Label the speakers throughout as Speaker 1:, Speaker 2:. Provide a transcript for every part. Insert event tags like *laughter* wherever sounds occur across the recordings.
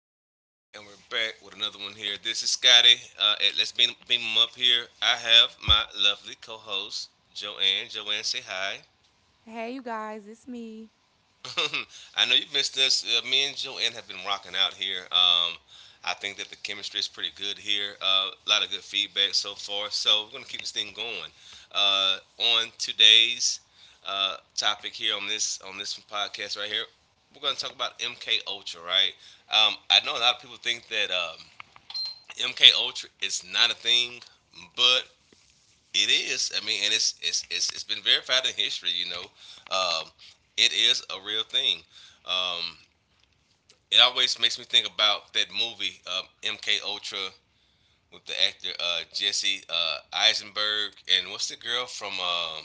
Speaker 1: we're back, and we're back with another one here. This is Scotty. At Let's beam him up here. I have my lovely co-host Joanne. Joanne, say hi.
Speaker 2: Hey, you guys, it's me.
Speaker 1: *laughs* I know you missed this. Me and Joanne have been rocking out here. I think that the chemistry is pretty good here. A lot of good feedback so far. So we're gonna keep this thing going. On today's topic here on this podcast right here, we're gonna talk about MK Ultra, right? I know a lot of people think that MK Ultra is not a thing, but it is. I mean, and it's been verified in history. Um, it is a real thing. Um, it always makes me think about that movie MK Ultra with the actor Jesse Eisenberg and what's the girl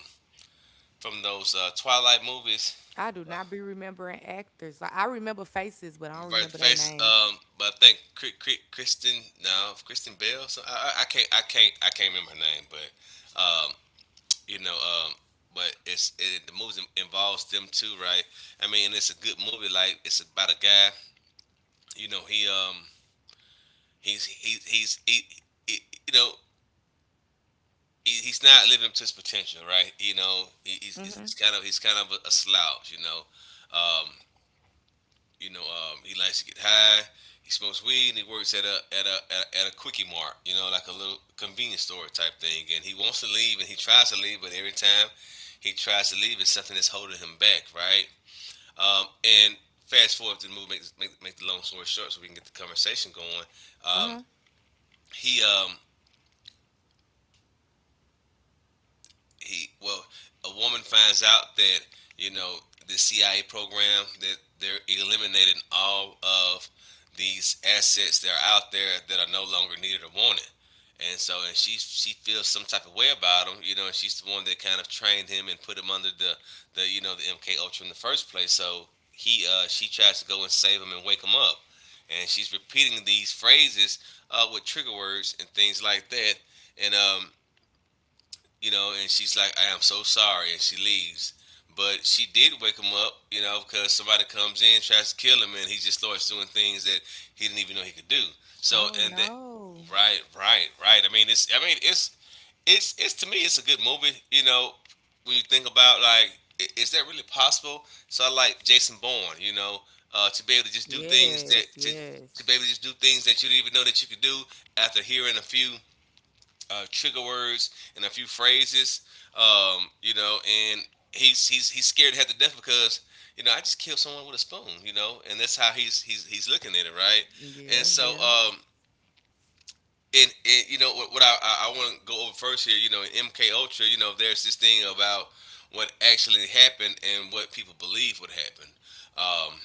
Speaker 1: from those Twilight movies.
Speaker 2: I do not be remembering actors. Like I remember faces, but I don't
Speaker 1: Right, the
Speaker 2: remember their
Speaker 1: faces.
Speaker 2: names.
Speaker 1: But I think Cri- Cri- Kristen, no, Kristen Bell. So I can't, I can't remember her name. But you know. But the movie involves them too, right? I mean, and it's a good movie. Like it's about a guy, you know. He he's he, he's he, you know he, He's not living up to his potential, right? You know,
Speaker 2: Mhm.
Speaker 1: he's kind of a slouch, you know. Um, he likes to get high. He smokes weed and he works at at a quickie mart, you know, like a little convenience store type thing. And he wants to leave and he tries to leave, but every time he tries to leave, it's something that's holding him back, right? And fast forward to the movie, make the long story short so we can get the conversation going.
Speaker 2: Uh
Speaker 1: Um,
Speaker 2: huh.
Speaker 1: he um, he well A woman finds out that you know the CIA program that they're eliminating all of these assets that are out there that are no longer needed or wanted. And so, and she feels some type of way about him, you know. And she's the one that kind of trained him and put him under the you know the MK Ultra in the first place. So he she tries to go and save him and wake him up, and she's repeating these phrases with trigger words and things like that. And You know, and she's like, I am so sorry, and she leaves. But she did wake him up, you know, because somebody comes in, tries to kill him, and he just starts doing things that he didn't even know he could do. So,
Speaker 2: Oh
Speaker 1: and that,
Speaker 2: no.
Speaker 1: right, right, right. It's to me, it's a good movie, you know, when you think about like, is that really possible? So I like Jason Bourne, you know, to be able to just do things that
Speaker 2: Yes.
Speaker 1: to be
Speaker 2: Yes.
Speaker 1: able to just do things that you didn't even know that you could do after hearing a few trigger words and a few phrases, you know, and he's scared to have to death because you know I just killed someone with a spoon, you know, and that's how he's looking at it, right? And
Speaker 2: Yeah.
Speaker 1: so,
Speaker 2: Yeah.
Speaker 1: and you know what, I want to go over first here, you know, in MK Ultra, you know, there's this thing about what actually happened and what people believe would happen. Um,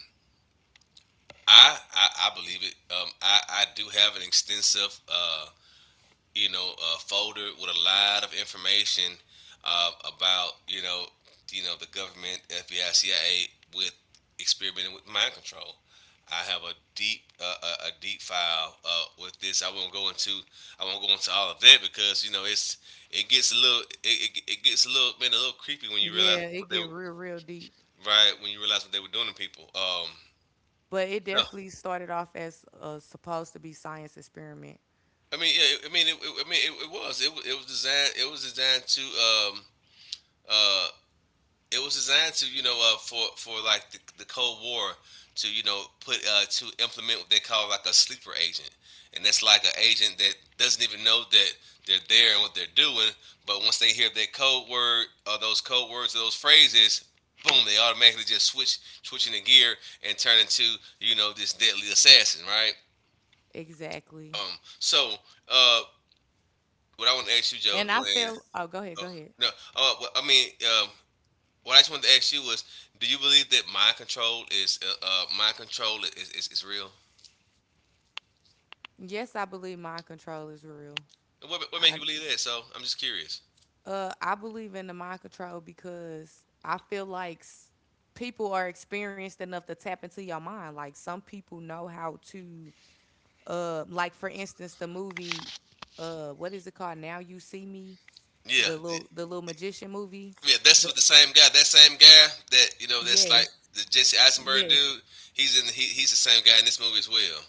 Speaker 1: I believe it. I do have an extensive you know, a folder with a lot of information uh, about, you know the government, FBI, CIA, with experimenting with mind control. I have a deep a deep file with this. I won't go into all of that because you know it gets a little man a little creepy when you realize
Speaker 2: Yeah. It
Speaker 1: what they
Speaker 2: get
Speaker 1: were-
Speaker 2: real, real deep.
Speaker 1: right when you realize what they were doing to people.
Speaker 2: But it
Speaker 1: So
Speaker 2: definitely started off as a supposed to be science experiment.
Speaker 1: I mean yeah, I mean I mean it was designed to uh you know for like the Cold War to you know put to implement what they call like a sleeper agent, and that's like an agent that doesn't even know that they're there and what they're doing, but once they hear that code word or those code words or those phrases. Boom! They automatically just switching the gear and turn into you know this deadly assassin, right?
Speaker 2: Exactly.
Speaker 1: Um. So, uh, what I want to ask you,
Speaker 2: And I
Speaker 1: Joanne.
Speaker 2: feel. Oh, go ahead. Go
Speaker 1: Oh,
Speaker 2: ahead.
Speaker 1: no. Uh, well, I mean, um, What I just wanted to ask you was, do you believe that mind control is is real?
Speaker 2: Yes, I believe mind control is real.
Speaker 1: And what made
Speaker 2: I.
Speaker 1: you believe that? So I'm just curious.
Speaker 2: I believe in the mind control because I feel like people are experienced enough to tap into your mind. Like some people know how to, like for instance, the movie, what is it called? Now You See Me,
Speaker 1: Yeah,
Speaker 2: the
Speaker 1: y-
Speaker 2: little the little magician movie.
Speaker 1: yeah, that's
Speaker 2: The
Speaker 1: with the same guy. That same guy that you know that's like
Speaker 2: yes,
Speaker 1: the Jesse Eisenberg
Speaker 2: yes.
Speaker 1: dude. He's in he's the same guy in this movie as well.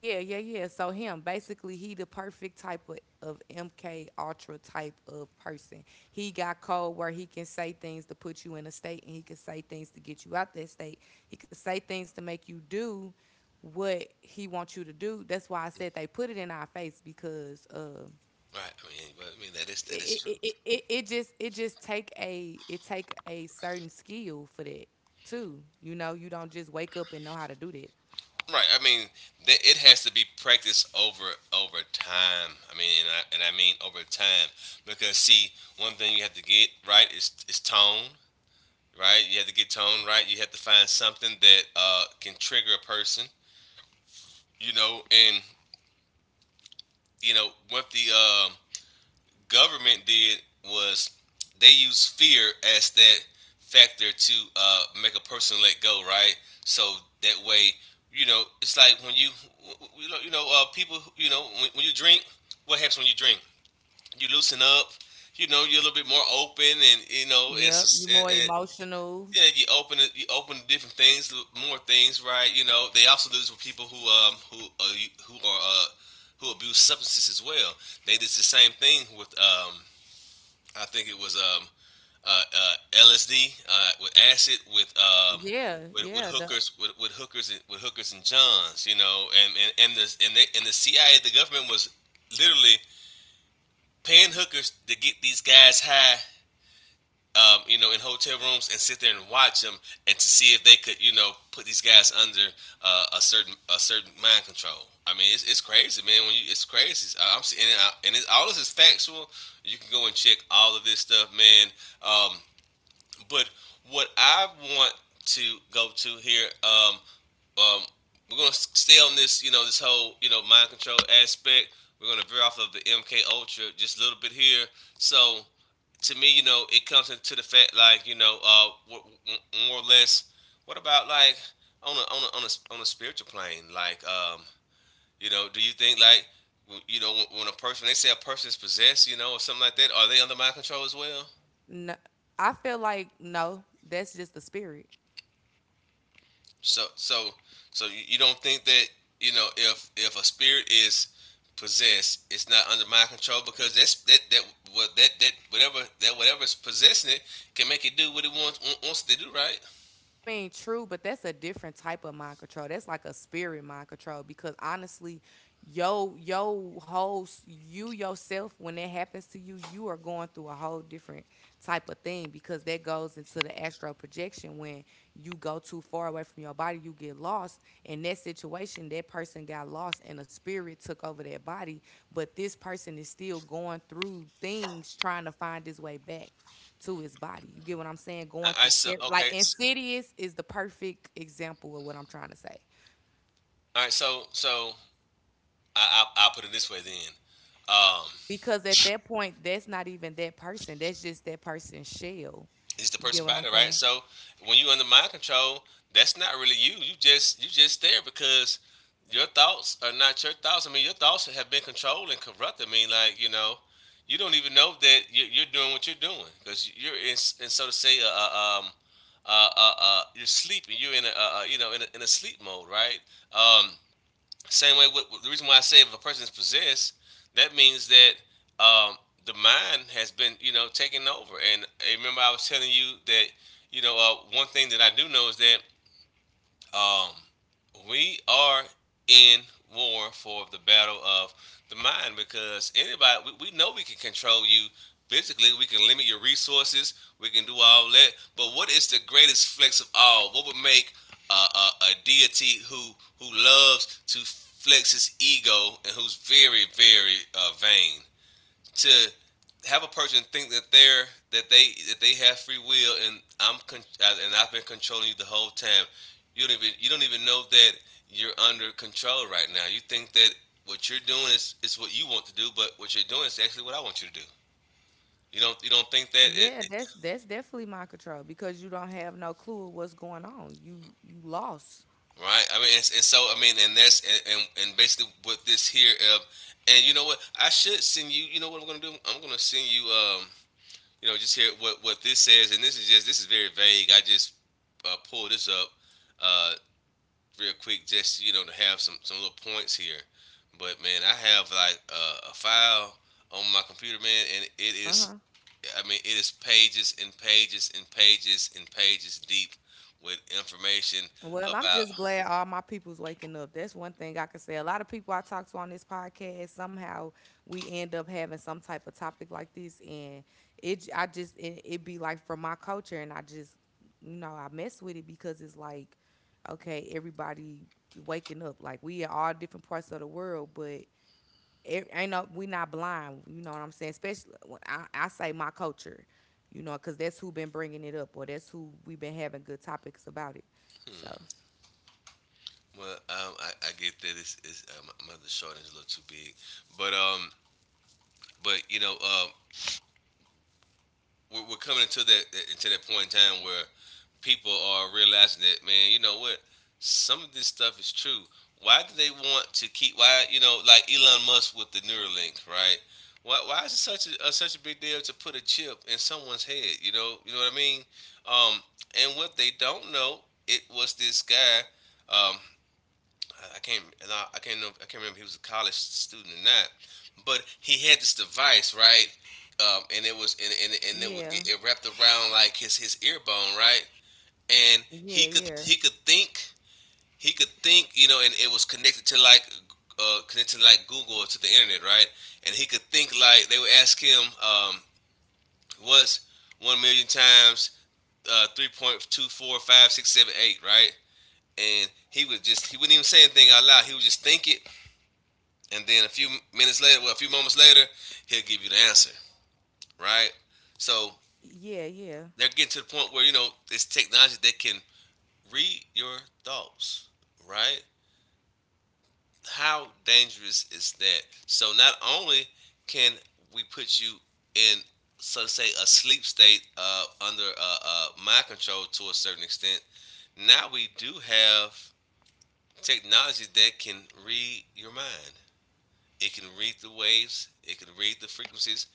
Speaker 2: Yeah. So him, basically, he the perfect type of MK Ultra type of person. He got code where he can say things to put you in a state, and he can say things to get you out that state. He can say things to make you do what he wants you to do. That's why I said they put it in our face because
Speaker 1: Right. I mean, but I mean that is
Speaker 2: it, it,
Speaker 1: true.
Speaker 2: it, it, it just take a it take a certain skill for that too. You know, you don't just wake up and know how to do that.
Speaker 1: Right. I mean, that it has to be practiced over over time. I mean, and I mean over time because see, one thing you have to get right is tone. Right? You have to get tone right. You have to find something that can trigger a person, you know. And you know what the government did was they used fear as that factor to make a person let go, right? So that way, you know, it's like when you, you know people, you know, when you drink, what happens when you drink? You loosen up. You know, you're a little bit more open, and you know,
Speaker 2: Yep, you more emotional.
Speaker 1: yeah, you open it. You open to different things, more things, right? You know, they also do this with people who are who abuse substances as well. They did the same thing with I think it was LSD with acid
Speaker 2: Yeah, yeah, the
Speaker 1: with hookers and johns, you know, and the CIA the government was literally paying hookers to get these guys high you know, in hotel rooms and sit there and watch them and to see if they could, you know, put these guys under a certain mind control. It's crazy, man. When you It's crazy. I- am seeing and it's, All this is factual. You can go and check all of this stuff, man. Um, but What I want to go to here, um, we're gonna stay on this, you know, this whole you know mind control aspect. We're gonna veer off of the MK Ultra just a little bit here. So to me, you know, it comes into the fact, like, you know, more or less, what about like
Speaker 2: Yeah, yeah. I'm listening.
Speaker 1: on a spiritual plane, like, you know, do you think like, you know, a person when they say a person is possessed, you know, or something like that, are they under my control as well?
Speaker 2: No, I feel like no, that's just the spirit.
Speaker 1: So so so you don't think that you know if a spirit is possessed, it's not under my control because that's that that what that that whatever that whatever's possessing it can make it do what it wants to do, right?
Speaker 2: I mean, true, but that's a different type of mind control. That's like a spirit mind control because honestly, whole you yourself when that happens to you, you are going through a whole different type of thing because that goes into the astral projection when you go too far away from your body, you get lost. In that situation, that person got lost and a spirit took over their body, but this person is still going through things trying to find his way back to his body. You get what I'm saying? Going
Speaker 1: I
Speaker 2: through
Speaker 1: so
Speaker 2: scary, like
Speaker 1: Okay.
Speaker 2: Insidious is the perfect example of what I'm trying to say.
Speaker 1: All right, I'll put it this way then. Um,
Speaker 2: Because at that point, that's not even that person. That's just that person's shell.
Speaker 1: it's the
Speaker 2: You get
Speaker 1: person
Speaker 2: what I'm
Speaker 1: body, right?
Speaker 2: saying?
Speaker 1: So when you under mind control, that's not really you. You just there because your thoughts are not your thoughts. I mean, your thoughts have been controlled and corrupted. I mean, like you know, you don't even know that you're doing what you're doing because you're in, s- in so to say, you're sleeping. You're in a you know in in a sleep mode, right? Um, Same way, with, the reason why I say if a person is possessed, that means that um, the mind has been, you know, taken over. And I remember I was telling you that, one thing that I do know is that um, we are in war for the battle of the mind. Because anybody, we know we can control you physically, we can limit your resources, we can do all that, but what is the greatest flex of all? What would make a deity who loves to flex his ego and who's very very vain to have a person think that they're that they have free will, and and I've been controlling you the whole time? You don't even know that you're under control right now. You think that what you're doing is what you want to do, but what you're doing is actually what I want you to do. You don't think that it,
Speaker 2: Yeah,
Speaker 1: it-
Speaker 2: that's definitely mind control because you don't have no clue of what's going on. You lost.
Speaker 1: Right? I mean, it's, and so I mean, and that's and basically what this here. And you know what? I should send you. You know what I'm gonna do? I'm gonna send you. You know, just hear what this says, and this is very vague. I just pulled this up uh, real quick, just, you know, to have some little points here. But man, I have like a file on my computer, man, and it
Speaker 2: Uh huh.
Speaker 1: is. I mean, it is pages and pages and pages and pages deep with information
Speaker 2: Well, I'm
Speaker 1: about.
Speaker 2: just glad all my people's waking up. That's one thing I can say. A lot of people I talk to on this podcast, somehow we end up having some type of topic like this, and it j- I just it, it be like from my culture, and I just you know I mess with it because it's like, okay, everybody waking up. Like we in all different parts of the world, but it ain't no we not blind. You know what I'm saying? Especially when I say my culture, you know, because that's who been bringing it up, or that's who we been having good topics about it. So.
Speaker 1: Well, I get that it's my mother's short is a little too big, but um, but you know, we're coming into that point in time where people are realizing that, man, you know what? Some of this stuff is true. Why do they want to keep? Why, you know, like Elon Musk with the Neuralink, right? Why is it such a, such a big deal to put a chip in someone's head? You know what I mean. Um, and what they don't know, it was this guy. Um, I can't and I can't know I can't remember if he was a college student or not, but he had this device, right, and it was and it, wa-
Speaker 2: Yeah,
Speaker 1: it wrapped around like his ear bone, right, and
Speaker 2: yeah,
Speaker 1: he could
Speaker 2: yeah,
Speaker 1: he could think he could think, you know, and it was connected to like Google or to the internet, right, and he could think, like they would ask him, what's 1,000,000 times 3.2456 78, right, and he wouldn't even say anything out loud. He would just think it, and then a few moments later, he'll give you the answer, right? So
Speaker 2: yeah, yeah.
Speaker 1: they're getting to the point where, you know, it's technology that can read your thoughts, right? How dangerous is that? So not only can we put you in, so to say, a sleep state under mind control to a certain extent, now we do have technology that can read your mind. It can read the waves. It can read the frequencies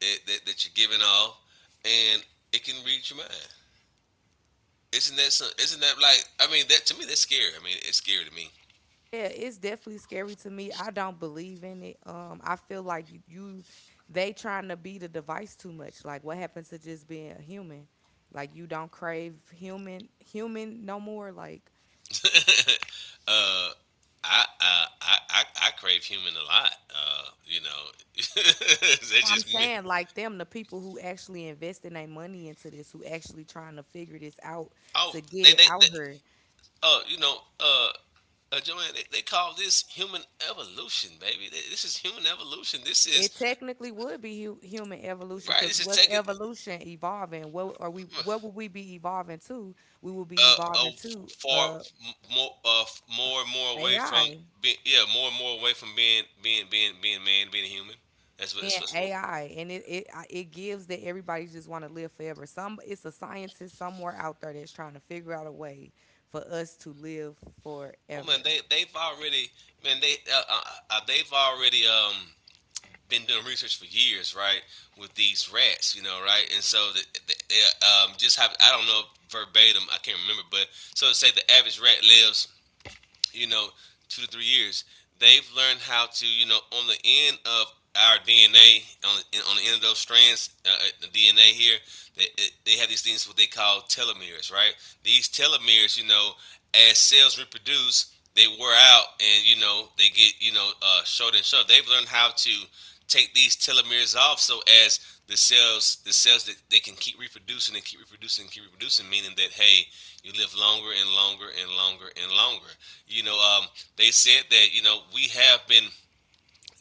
Speaker 1: that you're giving off, and it can read your mind. Isn't that like, I mean, that to me, that's scary. I mean, it's scary to me.
Speaker 2: Yeah, it's definitely scary to me. I don't believe in it. I feel like you they trying to be the device too much. Like, what happened to just being a human? Like, you don't crave human, human no more. Like,
Speaker 1: Uh, I crave human a lot. You know, *laughs* that's
Speaker 2: oh, I'm
Speaker 1: just me.
Speaker 2: saying like them, the people who actually investing their money into this, who actually trying to figure this out
Speaker 1: Oh,
Speaker 2: to get it
Speaker 1: they
Speaker 2: out here.
Speaker 1: oh you know uh, Joanne, they call this human evolution, baby. This is human evolution. This is
Speaker 2: It technically would be human evolution
Speaker 1: right.
Speaker 2: because
Speaker 1: This is
Speaker 2: what's
Speaker 1: taking.
Speaker 2: evolution evolving? What are we? What would we be evolving to? We would be
Speaker 1: uh, uh
Speaker 2: evolving to
Speaker 1: Far more uh more and more away from
Speaker 2: AI,
Speaker 1: being, yeah, more and more away from being human. That's what that's
Speaker 2: being
Speaker 1: what's what-
Speaker 2: AI, and it gives that everybody just want to live forever. Some it's a scientist somewhere out there that's trying to figure out a way for us to live
Speaker 1: Oh man,
Speaker 2: forever.
Speaker 1: they've already, man, they've already been doing research for years, right, with these rats, you know, right, and so the just have, I don't know verbatim, I can't remember, but so to say the average rat lives, you know, 2 to 3 years. They've learned how to, you know, on the end of our DNA, on the end of those strands, the DNA here, they, they have these things what they call telomeres, right? These telomeres, you know, as cells reproduce, they wear out, and you know, they get, you know, shorter and shorter. They've learned how to take these telomeres off, so as the cells that they can keep reproducing and keep reproducing and keep reproducing, meaning that, hey, you live longer and longer and longer and longer. You know, they said that, you know, we have been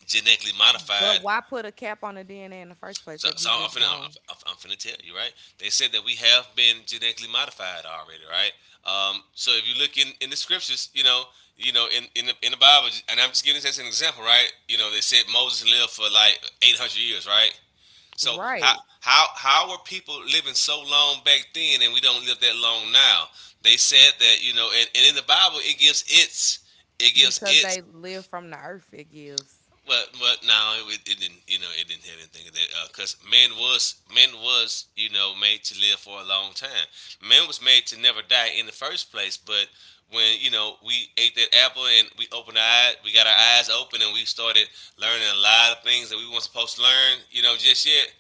Speaker 1: genetically modified.
Speaker 2: But why put a cap on the DNA in the first place
Speaker 1: So,
Speaker 2: if
Speaker 1: so
Speaker 2: you just gone
Speaker 1: I'm finna tell you, right? They said that we have been genetically modified already, right? So if you look in the scriptures, you know, in in the Bible, and I'm just giving this as an example, right? You know, they said Moses lived for like 800 years, right? So
Speaker 2: right?
Speaker 1: how were people living so long back then, and we don't live that long now? They said that, you know, and in the Bible, it gives its it gives
Speaker 2: Because
Speaker 1: its
Speaker 2: they live from the earth. It gives.
Speaker 1: Well, well, no, it didn't. You know, it didn't have anything of that. Because man was you know made to live for a long time. Man was made to never die in the first place. But when, you know, we ate that apple and we opened our eyes, we got our eyes open and we started learning a lot of things that we weren't supposed to learn, you know, just yet.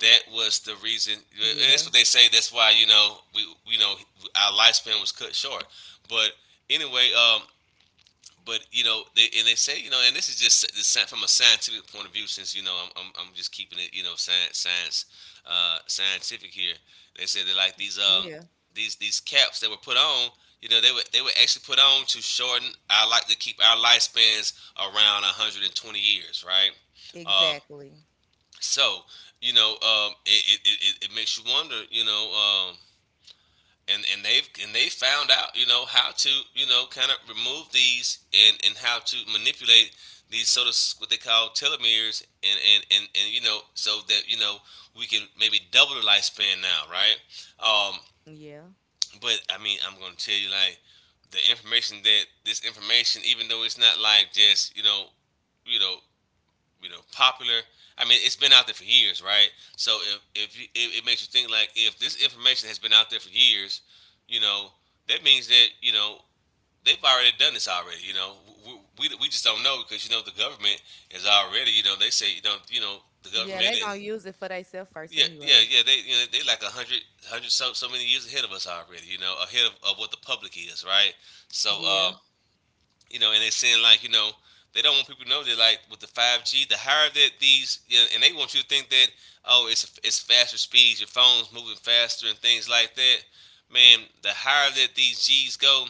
Speaker 1: That was the reason. And That's
Speaker 2: Yeah.
Speaker 1: what they say. That's why, you know, our lifespan was cut short. But anyway, but you know, they, and they say, you know, and this is just the from a scientific point of view, since, you know, I'm just keeping it, you know, scientific here. They said that like these,
Speaker 2: Yeah.
Speaker 1: these caps that were put on, you know, they were actually put on to shorten our like to keep our lifespans around 120 years, right? Um,
Speaker 2: Exactly.
Speaker 1: so, you know, it makes you wonder, you know, and they found out, you know, how to, you know, kind of remove these and how to manipulate these sort of what they call telomeres, and you know, so that you know, we can maybe double the lifespan now, right, um,
Speaker 2: Yeah.
Speaker 1: but I mean, I'm gonna tell you, like the information that this information, even though it's not like just, you know you know, popular. I mean, it's been out there for years, right? So if you, it makes you think like if this information has been out there for years, you know, that means that, you know, they've already done this already. You know, we just don't know because, you know, the government is already you know they say you know you know, the
Speaker 2: Yeah,
Speaker 1: government,
Speaker 2: they
Speaker 1: and
Speaker 2: gonna use it for themselves first
Speaker 1: yeah, yeah,
Speaker 2: anyway.
Speaker 1: yeah, they, you know, they like a hundred hundred, so so many years ahead of us already. You know, ahead of what the public is, right? So
Speaker 2: Yeah.
Speaker 1: you know, and they're saying like, you know, they don't want people to know that, like with the 5G, the higher that these, you know, and they want you to think that, oh, it's faster speeds, your phone's moving faster and things like that. Man, the higher that these G's go,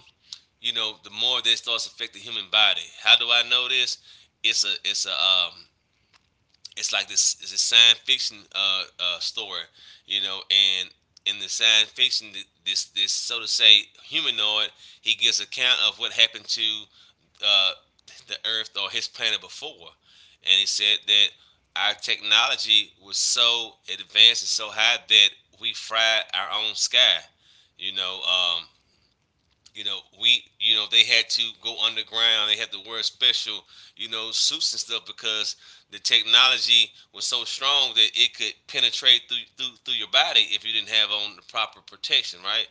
Speaker 1: you know, the more this starts affecting the human body. How do I know this? It's a it's a it's like this, it's a science fiction story, you know, and in the science fiction, this so to say humanoid, he gives account of what happened to uh, the Earth or his planet before, and he said that our technology was so advanced and so high that we fried our own sky. You know, um, you know, we, you know, they had to go underground. They had to wear special, you know, suits and stuff because the technology was so strong that it could penetrate through your body if you didn't have on the proper protection, right?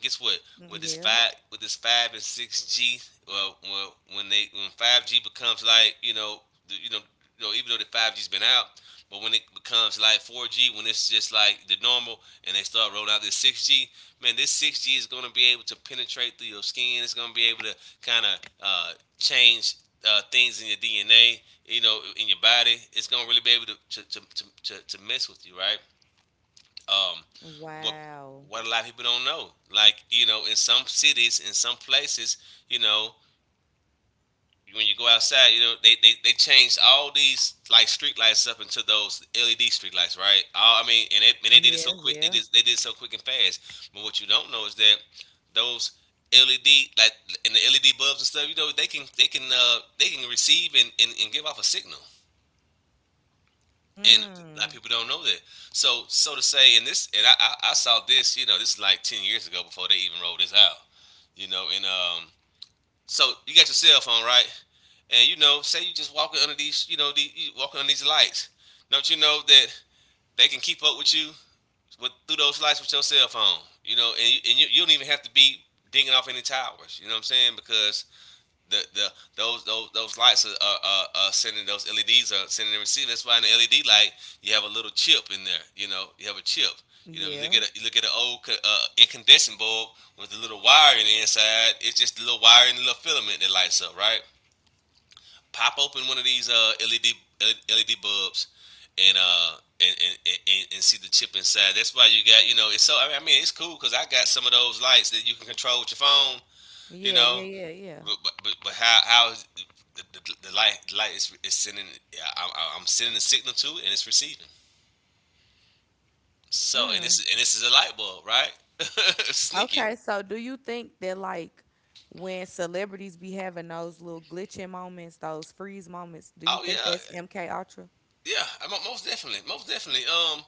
Speaker 1: Guess what? With this
Speaker 2: Yeah.
Speaker 1: five, with this 5 and 6G, well, well, when they, when five G becomes like, you know, the, you know, even though the 5G's been out, but when it becomes like 4G, when it's just like the normal, and they start rolling out this 6G, man, this 6G is gonna be able to penetrate through your skin. It's gonna be able to kind of change things in your DNA, you know, in your body. It's gonna really be able to mess with you, right? um, what
Speaker 2: Wow.
Speaker 1: what a lot of people don't know. Like, in some cities, in some places, you know, when you go outside, they changed all these like street lights up into those LED street lights, right? All, I mean, and they did it so
Speaker 2: Yeah,
Speaker 1: quick. They
Speaker 2: yeah.
Speaker 1: did they did it so quick and fast. But what you don't know is that those LED like in the LED bulbs and stuff, they can receive and give off a signal. And a lot of
Speaker 2: Mm.
Speaker 1: people don't know that. So, so to say, and this, and I saw this, this is like 10 years ago before they even rolled this out, you know, and so you got your cell phone, right, and, say you just walking under these, you know, these you walking under these lights, don't you know that they can keep up with you with through those lights with your cell phone, and you don't even have to be dinging off any towers, you know what I'm saying? Because the those lights are sending. Those LEDs are sending and receiving. That's why in the LED light you have a little chip in there. You know, you have a chip. You know,
Speaker 2: Yeah.
Speaker 1: you look at an old incandescent bulb with a little wire in the inside. It's just a little wire and a little filament that lights up, right? Pop open one of these LED bulbs, and see the chip inside. That's why you got, you know, it's so, I mean, it's cool because I got some of those lights that you can control with your phone. You
Speaker 2: Yeah,
Speaker 1: know,
Speaker 2: yeah, yeah, yeah.
Speaker 1: but how is the light is sending? yeah, I'm, I'm sending a signal to it, and it's receiving. So,
Speaker 2: Mm.
Speaker 1: and this is a light bulb, right? *laughs* Sneaky.
Speaker 2: Okay, so do you think that like when celebrities be having those little glitching moments, those freeze moments, do you
Speaker 1: Oh
Speaker 2: think that's
Speaker 1: yeah,
Speaker 2: MK Ultra?
Speaker 1: yeah. Most definitely, most definitely.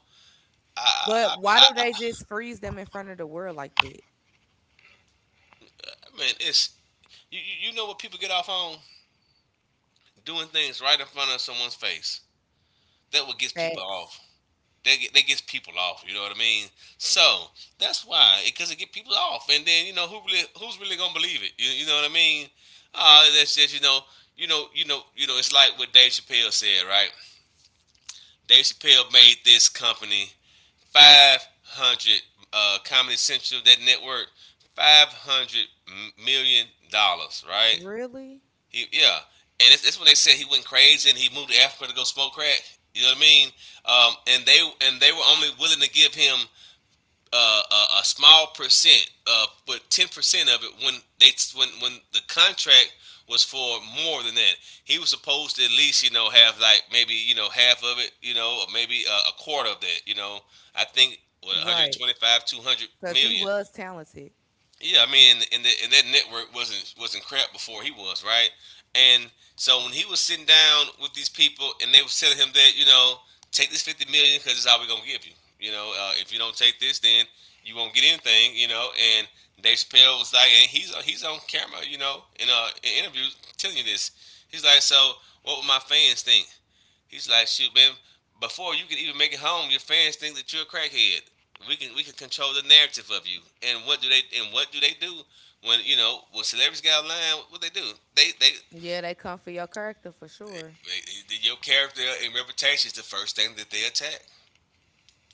Speaker 1: I I, I,
Speaker 2: But why do
Speaker 1: I,
Speaker 2: they just freeze them in front of the world like that?
Speaker 1: I mean, it's, you know what people get off on, doing things right in front of someone's face. That what gets people
Speaker 2: Facts.
Speaker 1: off. That gets people off. You know what I mean? So that's why, because it get people off, and then you know who's really gonna believe it? You know what I mean? That's just, you know it's like what Dave Chappelle said, right? Dave Chappelle made this company 500 Comedy Central, that network, $500 million, right?
Speaker 2: Really?
Speaker 1: Yeah, that's when they said he went crazy and he moved to Africa to go smoke crack. You know what I mean? Um, and they and they were only willing to give him a small percent, but 10% of it when they when the contract was for more than that. He was supposed to at least, you know, have like maybe, you know, half of it, you know, or maybe a quarter of that. You know, I think what,
Speaker 2: Right.
Speaker 1: 125, 200
Speaker 2: Cause he
Speaker 1: million.
Speaker 2: was talented.
Speaker 1: Yeah, I mean, and that network wasn't crap before he was, right, and so when he was sitting down with these people and they were telling him that, you know, take this 50 million because it's all we're gonna give you. You know, if you don't take this, then you won't get anything. You know, and Dave Chappelle was like, and he's on camera, you know, in a in interview telling you this. He's like, so what would my fans think? He's like, shoot, man. Before you can even make it home, your fans think that you're a crackhead. We can control the narrative of you. And what do they do when, you know, when celebrities get out of line? What they do? They they,
Speaker 2: Yeah, they come for your character for sure.
Speaker 1: they your character and reputation is the first thing that they attack.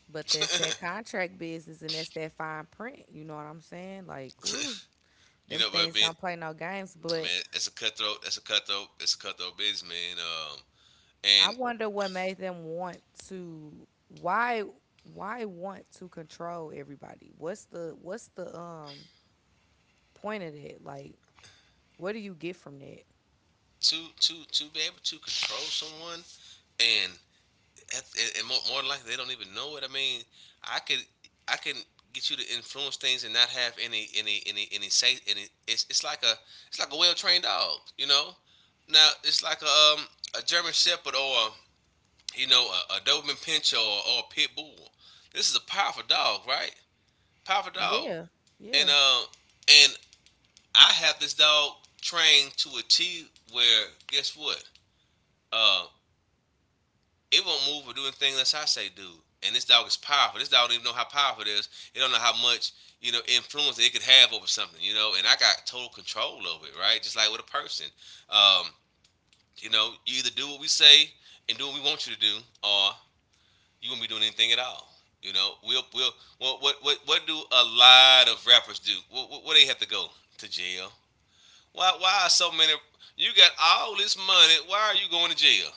Speaker 2: But that's that contract business and that's that fine print. You know what I'm saying? Like, ooh,
Speaker 1: You
Speaker 2: them
Speaker 1: know, but
Speaker 2: things
Speaker 1: being,
Speaker 2: don't play no games. But
Speaker 1: man, it's a cutthroat. It's a cutthroat. It's a cutthroat business, man.
Speaker 2: I
Speaker 1: And
Speaker 2: wonder what made them want to why why want to control everybody? What's the point of that? Like, what do you get from that?
Speaker 1: To be able to control someone, and, that's, and more than likely, they don't even know it. I mean, I could, I can get you to influence things and not have any say. It's like a, it's like a well trained dog. You know, now it's like a German Shepherd or a, you know, a Doberman Pinscher, or a Pit Bull. This is a powerful dog, right? Powerful dog,
Speaker 2: Yeah.
Speaker 1: and
Speaker 2: Yeah.
Speaker 1: uh, and I have this dog trained to achieve, where guess what? Uh, it won't move or do anything unless I say do. And this dog is powerful. This dog don't even know how powerful it is. It don't know how much, you know, influence it could have over something. You know, and I got total control over it, right? Just like with a person. Um, you know, you either do what we say and do what we want you to do, or you won't be doing anything at all. You know, we'll what do a lot of rappers do? What do they have to go to jail? Why are so many? You got all this money. Why are you going to jail?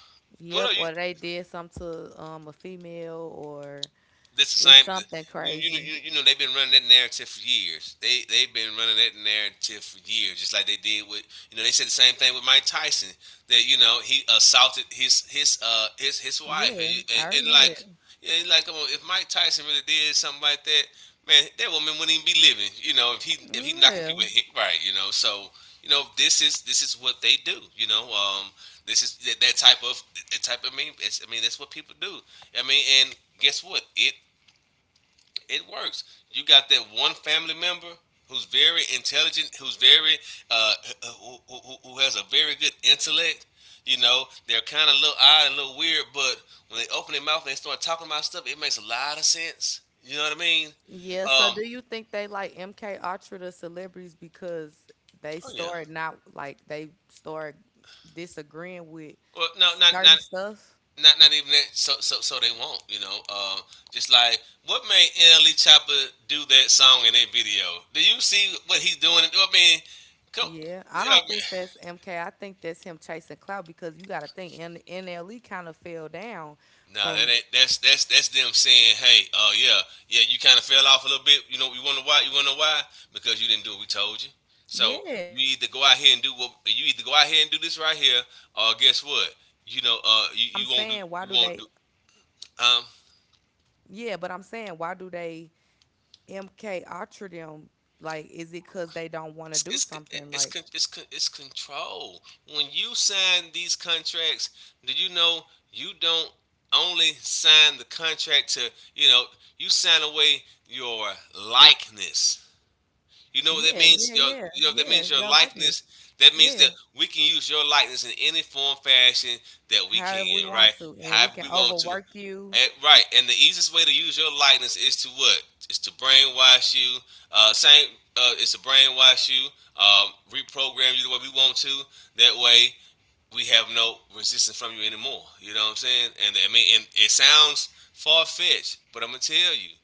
Speaker 1: What
Speaker 2: Yep.
Speaker 1: are you?
Speaker 2: Or they did something to a female or
Speaker 1: This the
Speaker 2: it's
Speaker 1: same.
Speaker 2: something
Speaker 1: You, you,
Speaker 2: crazy.
Speaker 1: you, you know they've been running that narrative for years. They've been running that narrative for years, just like they did with, you know, they said the same thing with Mike Tyson, that, you know, he assaulted his his wife and,
Speaker 2: Yeah, I remember
Speaker 1: like, yeah, like come on, if Mike Tyson really did something like that, man, that woman wouldn't even be living, you know, if he, if he knocking
Speaker 2: that.
Speaker 1: people hit, right, you know. So, you know, this is, this is what they do, you know. This is that, that type of, I mean, it's, I mean that's what people do, I mean, and guess what, it works. You got that one family member who's very intelligent, who's very, uh, who has a very good intellect. You know, they're kind of a little odd and a little weird, but when they open their mouth and they start talking about stuff, it makes a lot of sense. You know what I mean?
Speaker 2: Yeah, so
Speaker 1: Um,
Speaker 2: do you think they like MK Ultra the celebrities because they
Speaker 1: oh yeah.
Speaker 2: started not like they started disagreeing with
Speaker 1: Well, no,
Speaker 2: certain stuff?
Speaker 1: not even that. So they won't. You know, just like what made NLE Chopper do that song in that video? Do you see what he's doing? I mean, come,
Speaker 2: Yeah, I
Speaker 1: yeah, I
Speaker 2: don't think
Speaker 1: mean,
Speaker 2: that's MK. I think that's him chasing clout because you got to think NLE kind of fell down
Speaker 1: nah, that
Speaker 2: from
Speaker 1: ain't, that's them saying, hey, yeah, yeah, you kind of fell off a little bit. You know, you wonder why? You wonder why? Because you didn't do what we told you. So
Speaker 2: yeah,
Speaker 1: you either go
Speaker 2: yeah.
Speaker 1: out here and do, what you either go out here and do this right here, or guess what?
Speaker 2: I'm
Speaker 1: You know,
Speaker 2: saying why
Speaker 1: you,
Speaker 2: do they?
Speaker 1: you won't do um.
Speaker 2: Yeah, but I'm saying why do they MK Ultra them? Like, is it because they don't want to do
Speaker 1: It's it's
Speaker 2: something? Like,
Speaker 1: it's control. When you sign these contracts, do you know, you don't only sign the contract to, you know, you sign away your likeness. You know what that
Speaker 2: yeah, yeah,
Speaker 1: means?
Speaker 2: yeah,
Speaker 1: You know what that
Speaker 2: yeah,
Speaker 1: means? Your
Speaker 2: your likeness.
Speaker 1: likeness. That means that
Speaker 2: Yeah,
Speaker 1: we can use your likeness in any form, fashion that we can,
Speaker 2: however we
Speaker 1: right?
Speaker 2: want to, and we
Speaker 1: However
Speaker 2: can
Speaker 1: we want to.
Speaker 2: overwork you.
Speaker 1: And, right, and the easiest way to use your likeness is to what? It's to brainwash you. Same. It's to brainwash you. Reprogram you the way we want to. That way, we have no resistance from you anymore. You know what I'm saying? And, I mean, and it sounds far fetched, but I'm gonna tell you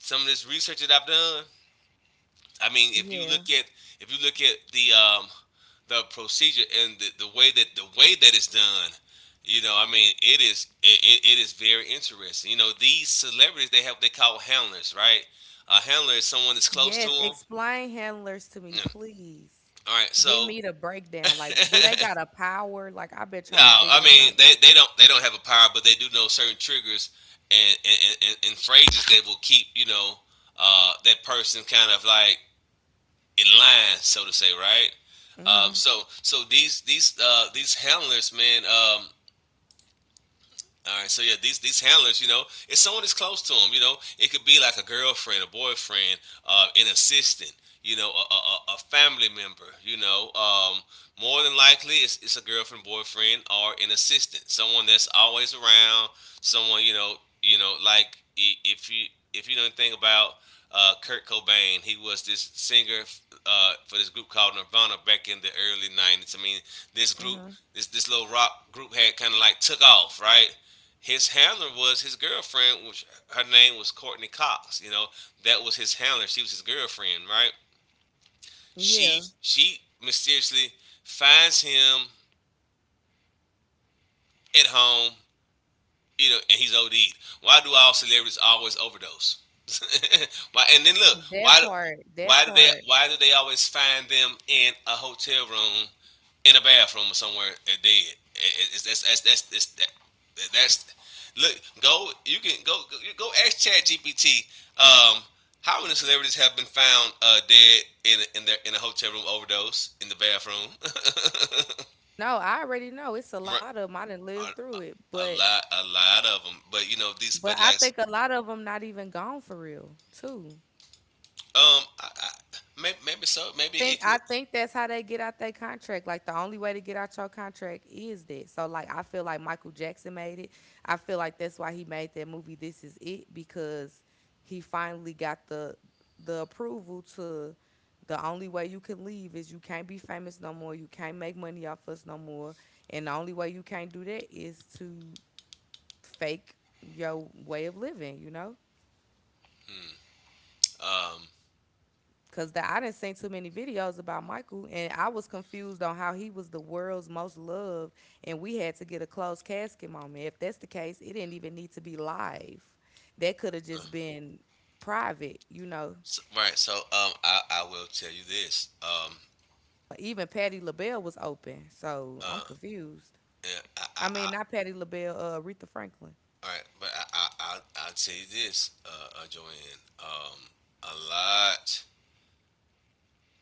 Speaker 1: some of this research that I've done. I mean,
Speaker 2: Yeah.
Speaker 1: if you look at the, the procedure and the way that, the way that it's done, you know, I mean, it is, it is very interesting. You know, these celebrities, they have, they call handlers, right? A handler is someone that's close to
Speaker 2: Yes,
Speaker 1: them.
Speaker 2: explain handlers to me, please.
Speaker 1: All right,
Speaker 2: Give
Speaker 1: so
Speaker 2: me the
Speaker 1: *laughs*
Speaker 2: breakdown. Like, do they got a power? Like, I've been
Speaker 1: no,
Speaker 2: trying to
Speaker 1: I
Speaker 2: figure them
Speaker 1: mean,
Speaker 2: out.
Speaker 1: they, they don't have a power, but they do know certain triggers and phrases that will keep, you know, that person kind of like in line, so to say, right?
Speaker 2: Hmm.
Speaker 1: These handlers, man, all right, so yeah, these handlers, you know, if someone is close to them, you know, it could be like a girlfriend, a boyfriend, an assistant, you know, a family member, you know. More than likely, it's a girlfriend, boyfriend, or an assistant, someone that's always around, someone you know, like if you know anything about Kurt Cobain. He was this singer for this group called Nirvana back in the early '90s. I mean, this group
Speaker 2: Hmm.
Speaker 1: this little rock group had kind of like took off, right? His handler was his girlfriend, which her name was Courtney Cox. You know, that was his handler. She was his girlfriend, right? She
Speaker 2: Yeah.
Speaker 1: she mysteriously finds him at home. You know, and he's OD'd. Why do all celebrities always overdose? *laughs* Why? And then look,
Speaker 2: That
Speaker 1: why?
Speaker 2: part, that
Speaker 1: Why do they?
Speaker 2: part.
Speaker 1: Why do they always find them in a hotel room, in a bathroom, or somewhere dead? That, that- that's Look. Go. You can go. Go, you go ask Chat GPT. Um, how many celebrities have been found dead in a- in their in a hotel room overdose in the bathroom?
Speaker 2: No, I already know. It's a
Speaker 1: *laughs*
Speaker 2: lot of them. I didn't live through
Speaker 1: a,
Speaker 2: it,
Speaker 1: a lot a lot of them, but you know these,
Speaker 2: but
Speaker 1: but
Speaker 2: I
Speaker 1: like.
Speaker 2: think a lot of them not even gone for real, too.
Speaker 1: um I, I, Maybe so, maybe
Speaker 2: Think
Speaker 1: it could.
Speaker 2: I think that's how they get out their contract. Like the only way to get out your contract is that. So like I feel like Michael Jackson made it. I feel like that's why he made that movie This Is It because he finally got the approval to the only way you can leave is you can't be famous no more. You can't make money off us no more. And the only way you can't do that is to fake your way of living, you know?
Speaker 1: um
Speaker 2: Cause the, I didn't see too many videos about Michael, and I was confused on how he was the world's most loved, and we had to get a closed casket moment. If that's the case, it didn't even need to be live. That could have
Speaker 1: uh,
Speaker 2: just been private, you know.
Speaker 1: so, right, so, I will tell you this.
Speaker 2: But even Patti LaBelle was open, so I'm
Speaker 1: Uh
Speaker 2: confused.
Speaker 1: yeah,
Speaker 2: I
Speaker 1: I
Speaker 2: mean, not Patti LaBelle, Aretha Franklin.
Speaker 1: all right, but I'll tell you this, Joanne. A lot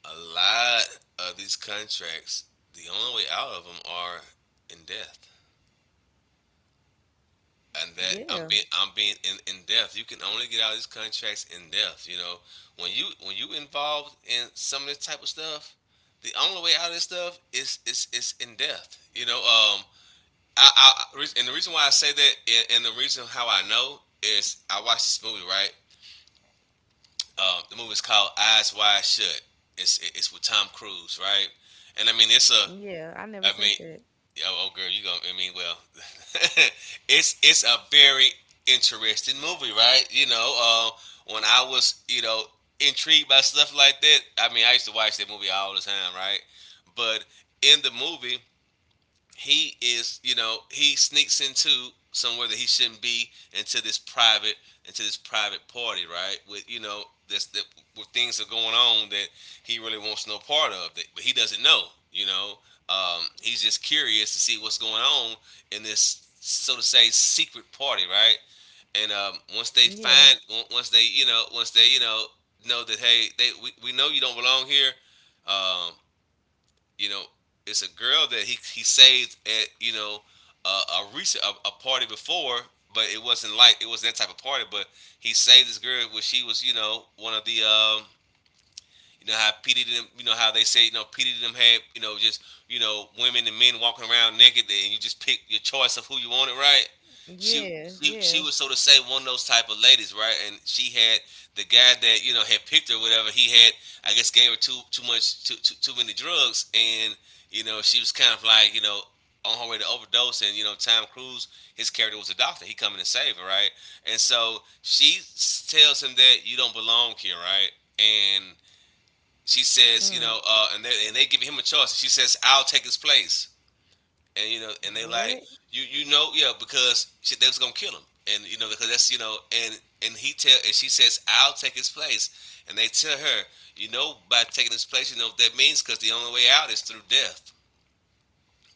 Speaker 1: a lot of these contracts, the only way out of them are in death. And that I'm
Speaker 2: Yeah,
Speaker 1: being I'm being in depth. You can only get out of these contracts in depth. You know, when you involved in some of this type of stuff, the only way out of this stuff is in depth. You know. And the reason why I say that, and the reason how I know, is I watched this movie, right. The movie's called Eyes Wide Shut. It's with Tom Cruise, right? And I mean, it's a
Speaker 2: yeah, I never
Speaker 1: I
Speaker 2: seen
Speaker 1: mean,
Speaker 2: that.
Speaker 1: oh, oh girl, you gonna? I mean, well, *laughs* it's a very interesting movie, right? You know, when I was, you know, intrigued by stuff like that. I mean, I used to watch that movie all the time, right? But in the movie, he is, you know, he sneaks into somewhere that he shouldn't be, into this private into this private party, right, with, you know, this, that, where things are going on that he really wants no part of, that, but he doesn't know, you know. He's just curious to see what's going on in this, so to say, secret party, right? And
Speaker 2: Yeah,
Speaker 1: once they, you know, know that, hey, they we know you don't belong here. Um, you know, it's a girl that he saved at, you know, a recent, a party before, but it wasn't like it was that type of party. But he saved this girl when she was, you know, one of the, you know how P Diddy them, you know how they say, you know, P Diddy them had, you know, just, you know, women and men walking around naked, and you just pick your choice of who you wanted, right? She
Speaker 2: yeah,
Speaker 1: she she
Speaker 2: yeah.
Speaker 1: was, so to say, one of those type of ladies, right? And she had the guy that, you know, had picked her, whatever. He had, I guess, gave her too much, too many drugs, and, you know, she was kind of like, you know, on her way to overdose. And, you know, Tom Cruise, his character was a doctor, he coming to save her, right. And so tells him that you don't belong here, right. And she says, you
Speaker 2: Mm.
Speaker 1: know, and they give him a choice. She says, "I'll take his place," and, you know, and they like,
Speaker 2: What?
Speaker 1: you know, yeah, because she, they was gonna kill him, and, you know, because that's, you know. And he tell and she says, "I'll take his place," and they tell her, you know, by taking his place, you know what that means, because the only way out is through death,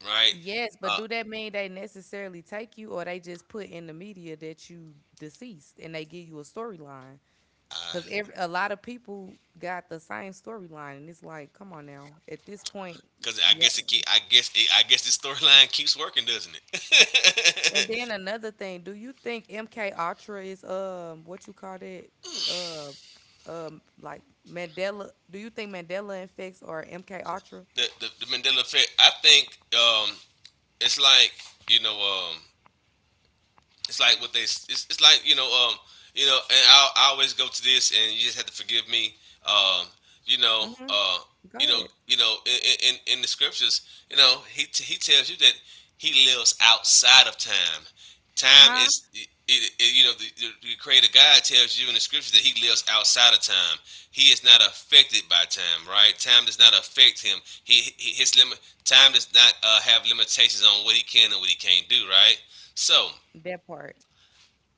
Speaker 1: right?
Speaker 2: Yes, but
Speaker 1: Uh,
Speaker 2: do that mean they necessarily take you, or they just put in the media that you deceased and they give you a storyline? Because every a lot of people got the same storyline, and it's like, come on now, at this point,
Speaker 1: because I
Speaker 2: yeah.
Speaker 1: guess it keep, I guess it, I guess this storyline keeps working, doesn't it?
Speaker 2: And then another thing, do you think MK Ultra is what you call that uh like Mandela? Do you think Mandela effects or MK Ultra?
Speaker 1: *laughs* The Mandela effect. I think, um, it's like, you know. Um, it's like, you know. You know, and I always go to this, and you just have to forgive me. um you know.
Speaker 2: Mm-hmm. Go
Speaker 1: You know.
Speaker 2: ahead.
Speaker 1: You know, in the scriptures, you know, he tells you that he lives outside of time.
Speaker 2: Huh?
Speaker 1: You know, the creator god tells you in the scriptures that he lives outside of time. He is not affected by time, right. Time does not affect him. He his limit Time does not have limitations on what he can and what he can't do, right. So
Speaker 2: That part.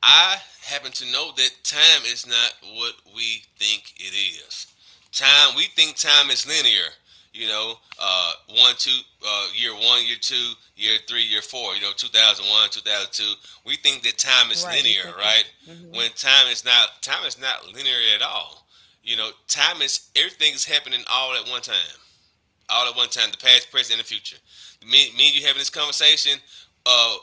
Speaker 1: I happen to know that time is not what we think it is. Time, we think time is linear. You know, uh, one, two, year one, year two, year three, year four. You know, 2001, 2002. We think that time is
Speaker 2: Right. We
Speaker 1: linear,
Speaker 2: think it's.
Speaker 1: right?
Speaker 2: Mm-hmm.
Speaker 1: When time is not linear at all. You know, time is, everything is happening all at one time, all at one time. The past, present, and the future. Me, and you having this conversation. Uh,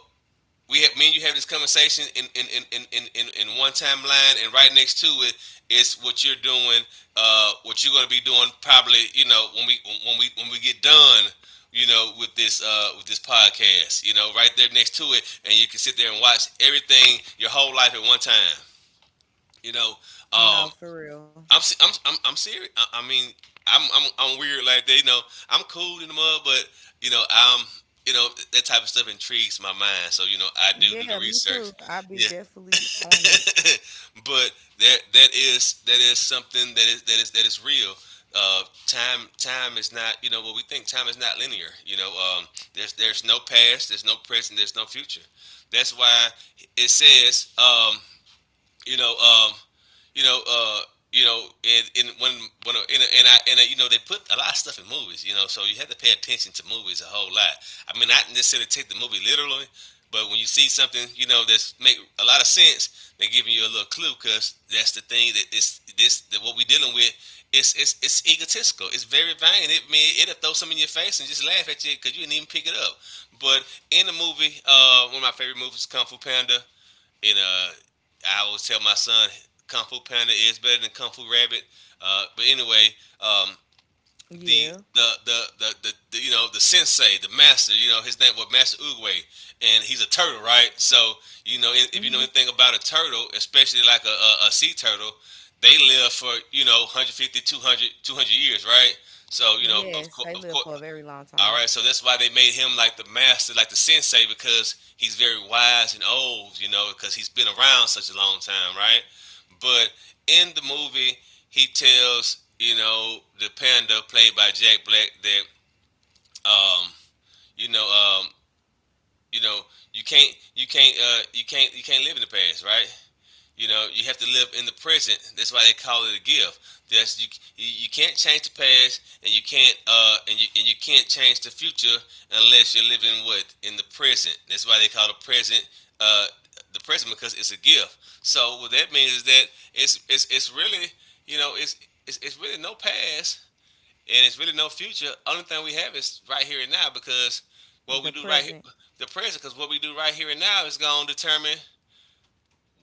Speaker 1: Me and you have this conversation in in one timeline, and right next to it is what you're doing, what you're gonna be doing, probably, you know, when we get done, you know, with this podcast, you know, right there next to it, and you can sit there and watch everything, your whole life, at one time. You know.
Speaker 2: No,
Speaker 1: um
Speaker 2: for real.
Speaker 1: I'm serious. I mean, I'm weird like that. You know, I'm cool in the mud, but you know, I'm you know, that type of stuff intrigues my mind. So, you know, I do
Speaker 2: Yeah,
Speaker 1: do the
Speaker 2: me too.
Speaker 1: research.
Speaker 2: I be
Speaker 1: Yeah.
Speaker 2: definitely on it.
Speaker 1: *laughs* But that is something, that is real. Time is not, you know, what we think. Time is not linear, you know. There's no past, there's no present, there's no future. That's why it says, you know, you know, you know, and, and when when and, and, I, you know, they put a lot of stuff in movies. You know, so you have to pay attention to movies a whole lot. I mean, not necessarily take the movie literally, but when you see something, you know, that's make a lot of sense, they're giving you a little clue, because that's the thing that it's this that what we're dealing with. It's egotistical. It's very vain. It I mean, it'll throw something in your face and just laugh at you because you didn't even pick it up. But in the movie, one of my favorite movies, Kung Fu Panda. And I always tell my son, Kung Fu Panda is better than Kung Fu Rabbit. But anyway, um,
Speaker 2: Yeah.
Speaker 1: the you know, the sensei, the master, you know, his name was Master Uguay, and he's a turtle, right? So, you know, if you know
Speaker 2: Hmm.
Speaker 1: anything about a turtle, especially like a sea turtle, they live for, you know, 150, 200, 200 years, right? So, you know, of
Speaker 2: Yes,
Speaker 1: course,
Speaker 2: they
Speaker 1: of
Speaker 2: live
Speaker 1: course.
Speaker 2: for a very long
Speaker 1: All
Speaker 2: time.
Speaker 1: right, so that's why they made him like the master, like the sensei, because he's very wise and old, you know, because he's been around such a long time, right? But in the movie, he tells, you know, the panda, played by Jack Black, that um, you know, um, you know, you can't live in the past, right? You know, you have to live in the present. That's why they call it a gift. That's you. You can't change the past, and you can't and you can't change the future, unless you're living, what, in the present. That's why they call the present, uh, the present, because it's a gift. So what that means is that it's really, you know, it's really no past, and it's really no future. Only thing we have is right here and now, because what
Speaker 2: The
Speaker 1: we do right here,
Speaker 2: present.
Speaker 1: the present, because what we do right here and now is going to determine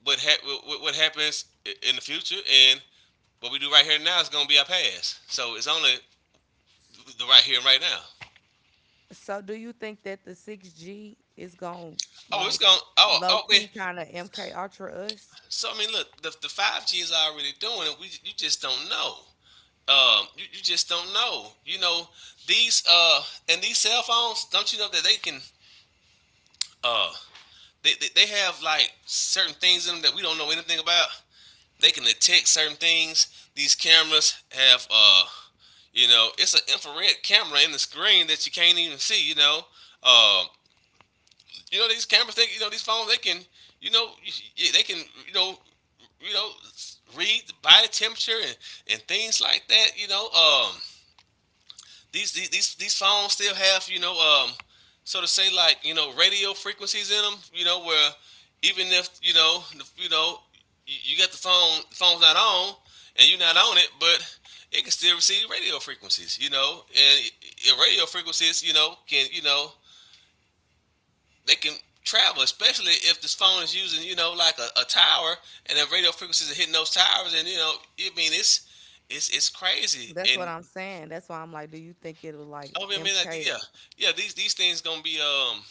Speaker 1: what happens in the future, and what we do right here and now is gonna be our past. So it's only the right here and right now.
Speaker 2: So, do you think that the 6G is going to
Speaker 1: Oh, it's
Speaker 2: like
Speaker 1: gonna. Oh,
Speaker 2: low
Speaker 1: oh man.
Speaker 2: key kind of MK Ultra us?
Speaker 1: So I mean, look, the 5G is already doing it. We you just don't know. You just don't know. These and these cell phones. Don't you know that they can uh they have like certain things in them that we don't know anything about. They can detect certain things. These cameras have you know, it's an infrared camera in the screen that you can't even see. Um, these cameras, they, these phones, they can, you know, yeah, they can, you know, you know, read the body temperature and things like that. These songs still have so to say, like, radio frequencies in them, where, even if, you got the phone's not on and you're not on it, but it can still receive radio frequencies, radio frequencies, can, they can travel, especially if this phone is using, like a tower and the radio frequencies are hitting those towers, and I mean it's it's crazy.
Speaker 2: That's what
Speaker 1: And
Speaker 2: I'm saying. That's why I'm like, do you think it'll like
Speaker 1: oh, I mean, like,
Speaker 2: MK?
Speaker 1: yeah, yeah. These things gonna be,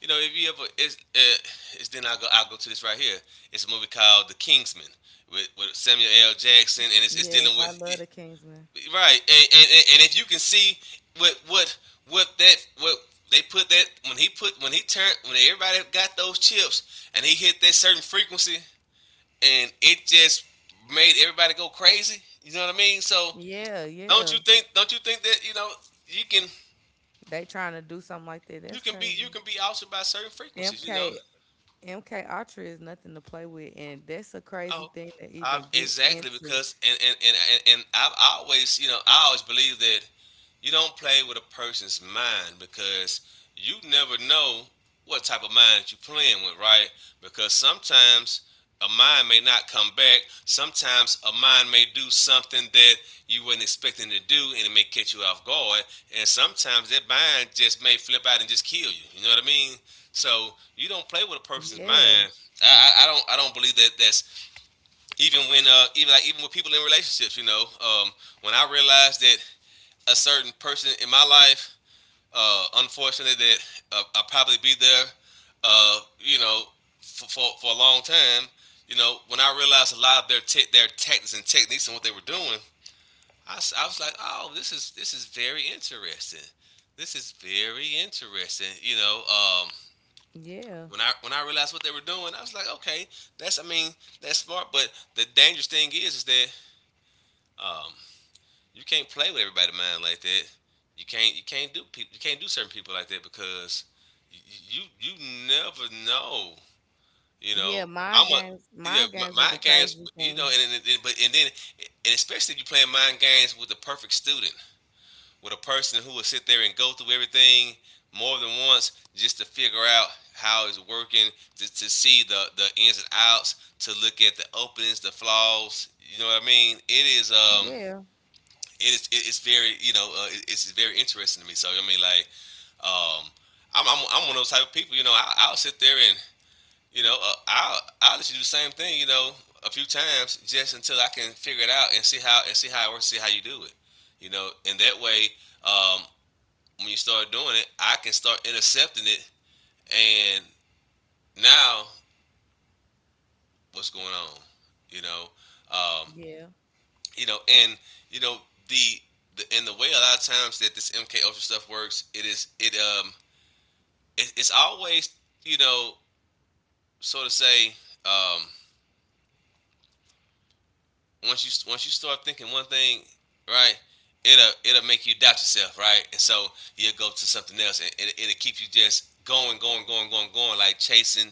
Speaker 1: you know, if you ever, it's, then I go I will go to this right here. It's a movie called The Kingsman with Samuel L. Jackson, and it's
Speaker 2: Yes,
Speaker 1: dealing
Speaker 2: I
Speaker 1: with,
Speaker 2: love the Kingsman.
Speaker 1: right. And if you can see what what what they put, that when he put, when he turned, when everybody got those chips and he hit that certain frequency, and it just made everybody go crazy. You know what I mean? So
Speaker 2: Yeah,
Speaker 1: don't
Speaker 2: yeah.
Speaker 1: you think, that, you know, you can,
Speaker 2: They trying to do something like that.
Speaker 1: you
Speaker 2: That's
Speaker 1: can be,
Speaker 2: crazy.
Speaker 1: altered by certain frequencies, you know.
Speaker 2: MK MK Ultra is nothing to play with, and that's a crazy
Speaker 1: Oh,
Speaker 2: thing to
Speaker 1: I,
Speaker 2: even get
Speaker 1: exactly,
Speaker 2: into.
Speaker 1: because and I've always, you know, I always believe that you don't play with a person's mind, because you never know what type of mind you're playing with, right? Because sometimes a mind may not come back. Sometimes a mind may do something that you weren't expecting to do, and it may catch you off guard. And sometimes that mind just may flip out and just kill you. You know what I mean? So you don't play with a person's
Speaker 2: Yeah,
Speaker 1: mind. I don't, I don't believe that that's, even when, even like, even with people in relationships, you know, when I realized that a certain person in my life, uh, unfortunately, that, I'll probably be there, uh, you know, for, for a long time. You know, when I realized a lot of their their tactics and techniques and what they were doing, I was like, oh, this is, this is very interesting. This is very interesting. You know,
Speaker 2: yeah,
Speaker 1: when I, realized what they were doing, I was like, okay, that's, I mean, that's smart. But the dangerous thing is that, um, you can't play with everybody's mind like that. You can't, do people, you can't do certain people like that, because you you, never know. You know,
Speaker 2: yeah.
Speaker 1: I'm a, yeah,
Speaker 2: My games is a
Speaker 1: mind games.
Speaker 2: crazy
Speaker 1: You know,
Speaker 2: thing.
Speaker 1: and but and then and especially if you're playing mind games with the perfect student, with a person who will sit there and go through everything more than once just to figure out how it's working, to see the ins and outs, to look at the openings, the flaws. You know what I mean? It is, um,
Speaker 2: Yeah,
Speaker 1: it is, it's very, you know, it, it's very interesting to me. So I mean like, um, I'm I'm one of those type of people. You know, I, I'll sit there, and you know, I'll let you do the same thing. You know, a few times, just until I can figure it out and see how, it works, see how you do it. You know, and that way, um, when you start doing it, I can start intercepting it. And now, what's going on? You know, um,
Speaker 2: yeah,
Speaker 1: you know, and you know, the, the, and the way a lot of times that this MK Ultra stuff works, it is, it's always, you know, so to say, um, once you, start thinking one thing, right, it'll, it'll make you doubt yourself, right? And so you'll go to something else, and it'll keep you just going, going, going, going, going, like chasing.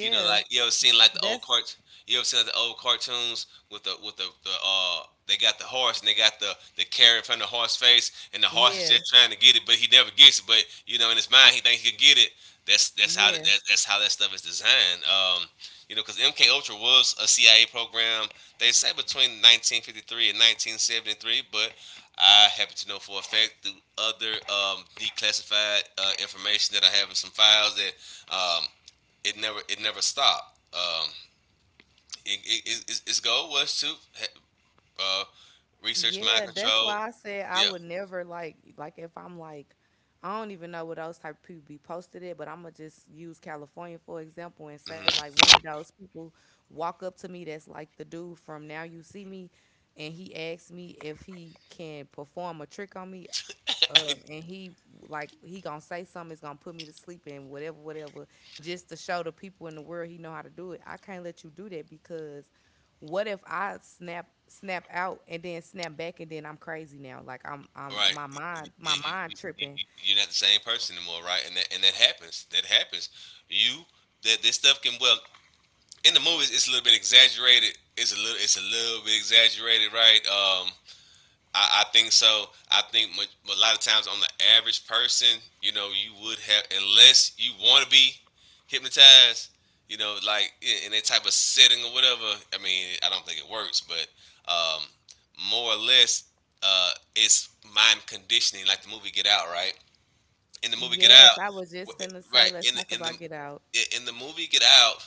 Speaker 1: You know, like you ever seen like
Speaker 2: That's
Speaker 1: you ever seen like the old cartoons with the, with the they got the horse, and they got the carrot in front of the horse face, and the horse is
Speaker 2: yeah,
Speaker 1: just trying to get it, but he never gets it. But you know, in his mind, he thinks he can get it. That's that's how that,
Speaker 2: yeah,
Speaker 1: that's how that stuff is designed. You know, because MK Ultra was a CIA program. They say between 1953 and 1973, but I happen to know for a fact through other, declassified, information that I have in some files that, um, it never, it never stopped. Its goal was to, uh, research mind
Speaker 2: yeah. That's
Speaker 1: control.
Speaker 2: why I said I
Speaker 1: Yeah,
Speaker 2: would never like if I'm like I don't even know what those type of people be posted at, but I'm gonna just use California for example and say
Speaker 1: hmm.
Speaker 2: like one of those people walk up to me that's like the dude from Now You See Me, and he asks me if he can perform a trick on me. Up and
Speaker 1: *laughs*
Speaker 2: he like he gonna say something it's gonna put me to sleep and whatever whatever just to show the people in the world he know how to do it, I can't let you do that because what if I snap snap out and then snap back and then I'm crazy now, like I'm
Speaker 1: Right.
Speaker 2: my
Speaker 1: Yeah, you, you,
Speaker 2: mind
Speaker 1: you,
Speaker 2: tripping.
Speaker 1: you- you're not the same person anymore, right? And that happens. That happens. You, that this stuff can, well, in the movies, it's a little bit exaggerated. It's a little, it's a little bit exaggerated, right? I think so. I think a lot of times on the average person, you know, you would have, unless you want to be hypnotized, you know, like in that type of setting or whatever. I mean, I don't think it works, but, um, more or less, it's mind conditioning, like the movie Get Out, right? In the movie Get Out,
Speaker 2: Yes, I was just
Speaker 1: w-
Speaker 2: finna
Speaker 1: right?
Speaker 2: say let's
Speaker 1: In the,
Speaker 2: talk
Speaker 1: in the
Speaker 2: about Get Out.
Speaker 1: in the movie Get Out,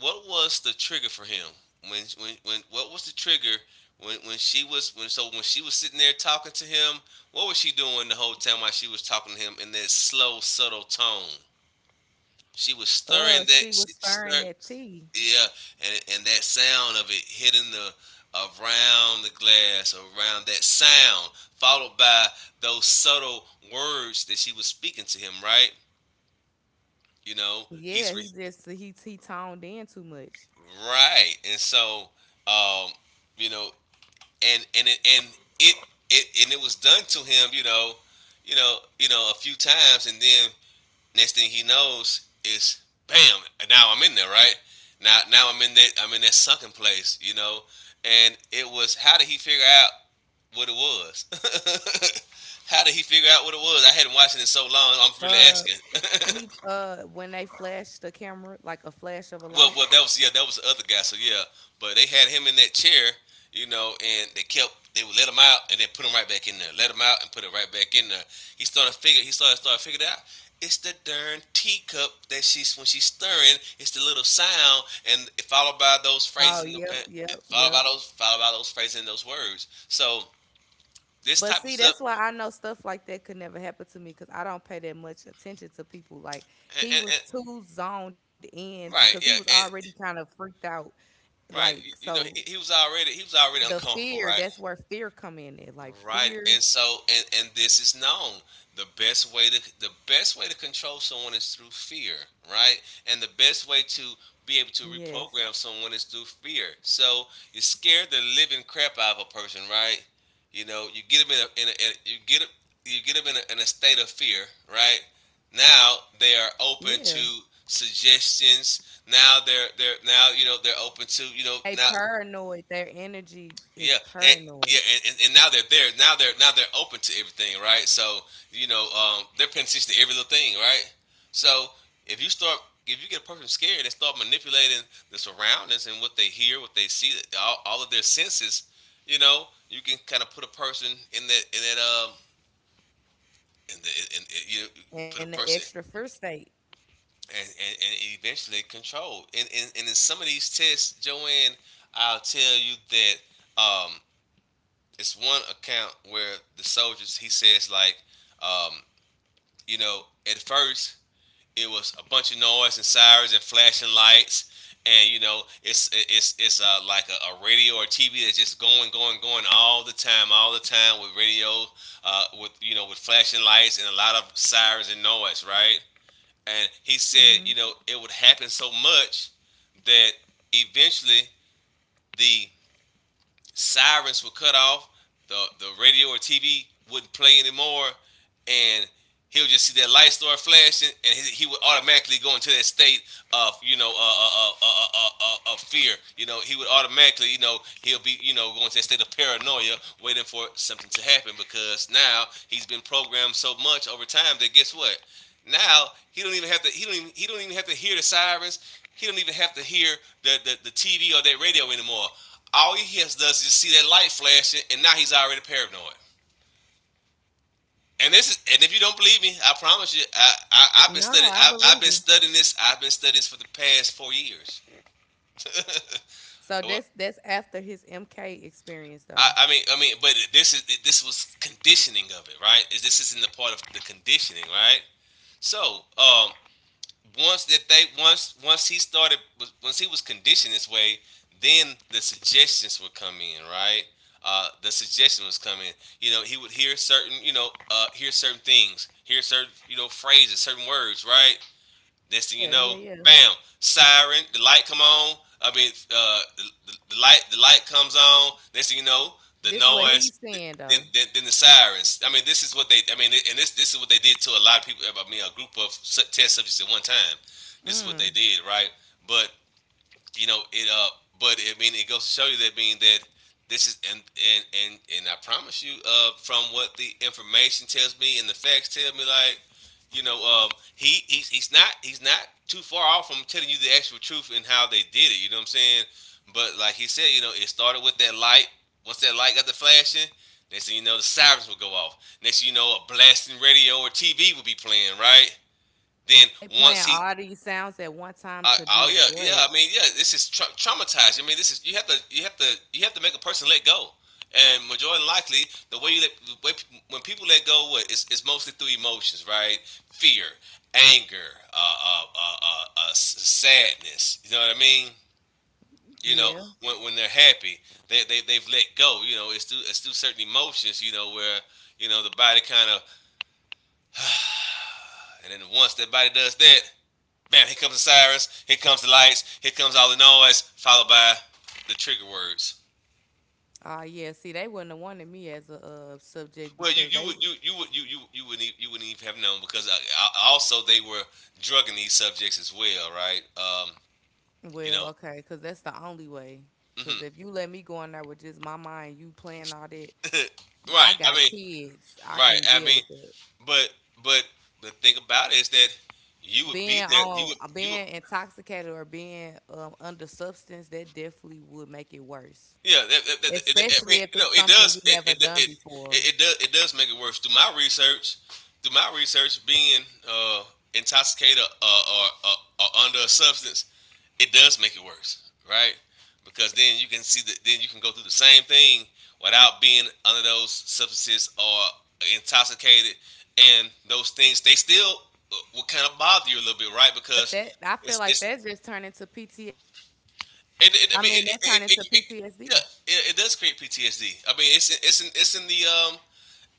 Speaker 1: what was the trigger for him? When what was the trigger when, she was, when, so when she was sitting there talking to him? What was she doing the whole time while she was talking to him in that slow subtle tone? She was stirring
Speaker 2: She
Speaker 1: that,
Speaker 2: was stirring that tea.
Speaker 1: yeah, and, that sound of it hitting the, around the glass, around that sound, followed by those subtle words that she was speaking to him. Right, you know,
Speaker 2: Yeah, he he toned in too much.
Speaker 1: right, and so, um, you know, and, it, and it was done to him, you know, a few times, and then next thing he knows is bam, now I'm in there, right? Now, I'm in that, I'm in that sunken place, you know, and it was, how did he figure out what it was? *laughs* How did he figure out what it was? I hadn't watched it in so long. I'm really
Speaker 2: Uh
Speaker 1: asking. *laughs*
Speaker 2: he When they flashed the camera like a flash of a
Speaker 1: Well,
Speaker 2: light.
Speaker 1: well, that was, yeah, that was the other guy. So yeah, but they had him in that chair, you know, and they kept, they would let him out and then put him right back in there. Let him out and put it right back in there. He started figure. He started, figuring it out. It's the darn teacup that she's, when she's stirring. It's the little sound, and followed by those
Speaker 2: Oh,
Speaker 1: phrases,
Speaker 2: yep, yep,
Speaker 1: followed by
Speaker 2: yep.
Speaker 1: those, phrases and those words. So this
Speaker 2: But
Speaker 1: type of
Speaker 2: see,
Speaker 1: stuff,
Speaker 2: that's why I know stuff like that could never happen to me because I don't pay that much attention to people. Like he was
Speaker 1: and
Speaker 2: too zoned in because he
Speaker 1: right,
Speaker 2: was
Speaker 1: yeah,
Speaker 2: already kind
Speaker 1: and
Speaker 2: of freaked out.
Speaker 1: right,
Speaker 2: Like
Speaker 1: you know,
Speaker 2: so,
Speaker 1: he was already, he was already
Speaker 2: the
Speaker 1: uncomfortable,
Speaker 2: fear,
Speaker 1: right?
Speaker 2: that's where fear come in. At. Like
Speaker 1: Right,
Speaker 2: fear,
Speaker 1: and so, and, this is known. The best way to, the best way to control someone is through fear, right? And the best way to be able
Speaker 2: yes,
Speaker 1: to reprogram someone is through fear. So you scare the living crap out of a person, right? You know, you get them in a, in a you get them in a state of fear, right? Now they are open
Speaker 2: yeah.
Speaker 1: to suggestions. Now they're now, you know, they're open to, you know,
Speaker 2: They
Speaker 1: now
Speaker 2: paranoid. Their energy is
Speaker 1: yeah, and
Speaker 2: paranoid,
Speaker 1: yeah, and now they're there. Now they're open to everything, right? So, you know, they're paying attention to every little thing, right? So if you start, if you get a person scared, they start manipulating the surroundings and what they hear, what they see, all of their senses, you know, you can kind of put a person in that, in that, um, in the, you know,
Speaker 2: and
Speaker 1: put
Speaker 2: the
Speaker 1: a
Speaker 2: extra
Speaker 1: person,
Speaker 2: fear state.
Speaker 1: and eventually control. And in some of these tests, Joanne, I'll tell you that it's one account where the soldiers he says like, um, you know, at first it was a bunch of noise and sirens and flashing lights, and it's like a radio or TV that's just going all the time with radio, with with flashing lights and a lot of sirens and noise, right? And he said,
Speaker 2: hmm
Speaker 1: it would happen so much that eventually the sirens were cut off. The radio or TV wouldn't play anymore and he'll just see that light start flashing, and he would automatically go into that state of you know of fear. You know, he would automatically he'll be going to that state of paranoia, waiting for something to happen because now he's been programmed so much over time that guess what? Now he don't even have to hear the sirens. He don't even have to hear the TV or that radio anymore. All he has does is just see that light flashing, and now he's already paranoid. And if you don't believe me, I promise you, I've been
Speaker 2: No, I
Speaker 1: studying,
Speaker 2: believe
Speaker 1: I've
Speaker 2: you.
Speaker 1: been studying this, I've been studying this for the past 4 years. *laughs*
Speaker 2: So that's
Speaker 1: Well,
Speaker 2: that's after his MK experience though.
Speaker 1: but this is this was conditioning of it, right? Is this is in the part of the conditioning, right? So, once he once he was conditioned this way, then the suggestions would come in, right? The suggestion was coming. You know, he would hear certain, you know, hear certain things, hear certain, you know, phrases, certain words, right? Next thing
Speaker 2: Yeah,
Speaker 1: you
Speaker 2: yeah,
Speaker 1: know,
Speaker 2: yeah.
Speaker 1: bam, siren, the light come on. I mean, uh, the light comes on. Next thing you know, the
Speaker 2: This what he's
Speaker 1: noise,
Speaker 2: saying though.
Speaker 1: then the sirens. I mean, and this is what they did to a lot of people. I mean, a group of test subjects at one time. This is what
Speaker 2: Mm.
Speaker 1: they did, right? But you know it. But I mean, it goes to show you that being that this is and I promise you, from what the information tells me and the facts tell me, like you know, um, he's not too far off from telling you the actual truth and how they did it. You know what I'm saying? But like he said, you know, it started with that light. Once that light got the flashing, next thing you know, the sirens would go off. Next thing you know, a blasting radio or TV would be playing, right? Then
Speaker 2: They playing
Speaker 1: once he
Speaker 2: all these sounds at one time to do
Speaker 1: oh yeah,
Speaker 2: what?
Speaker 1: yeah. I mean, yeah. This is traumatized. I mean, this is you have to make a person let go, and majority likely the way when people let go, what is mostly through emotions, right? Fear, anger, sadness. You know what I mean? You know,
Speaker 2: Yeah.
Speaker 1: when they're happy, they've let go. You know, it's through certain emotions. You know where you know the body kind of, and then once that body does that, bam, here comes the sirens, here comes the lights, here comes all the noise, followed by the trigger words.
Speaker 2: Ah, yeah. See, they wouldn't have wanted me as a subject
Speaker 1: Well,
Speaker 2: because they.
Speaker 1: you wouldn't you wouldn't even have known because also they were drugging these subjects as well, right? You
Speaker 2: Well,
Speaker 1: know,
Speaker 2: okay, because that's the only way. Because
Speaker 1: hmm
Speaker 2: if you let me go in there with just my mind, you playing all that.
Speaker 1: *laughs*
Speaker 2: I
Speaker 1: right.
Speaker 2: got kids. I
Speaker 1: Right.
Speaker 2: can deal with that.
Speaker 1: But but the thing about it is that you would be
Speaker 2: Being
Speaker 1: there.
Speaker 2: on,
Speaker 1: You would
Speaker 2: being intoxicated or being under substance, that definitely would make it worse.
Speaker 1: Yeah, it, I
Speaker 2: Especially
Speaker 1: mean,
Speaker 2: if
Speaker 1: you know,
Speaker 2: it's
Speaker 1: it
Speaker 2: something you
Speaker 1: does.
Speaker 2: never done before.
Speaker 1: It does, make it worse. Through my research, being uh, intoxicated or under a substance, it does make it worse, right? Because then you can see that then you can go through the same thing without being under those substances or intoxicated, and those things they still will kind of bother you a little bit, right?
Speaker 2: But
Speaker 1: Because
Speaker 2: that I feel like
Speaker 1: it's
Speaker 2: that just turned into PT.
Speaker 1: it, it I
Speaker 2: I
Speaker 1: mean, it,
Speaker 2: mean,
Speaker 1: it,
Speaker 2: that turned
Speaker 1: it,
Speaker 2: into
Speaker 1: it, it yeah,
Speaker 2: PTSD.
Speaker 1: it does create PTSD. I mean,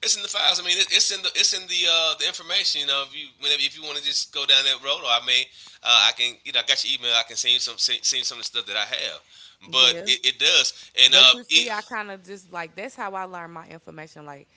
Speaker 1: it's in the files. I mean, it's in the information. You know, if you whenever if you want to just go down that road, or I may I can I got your email. I can send you some send you some of the stuff that I have. But
Speaker 2: Yeah.
Speaker 1: it does, and
Speaker 2: But you see, I kind of just like that's how I learn my information. Like,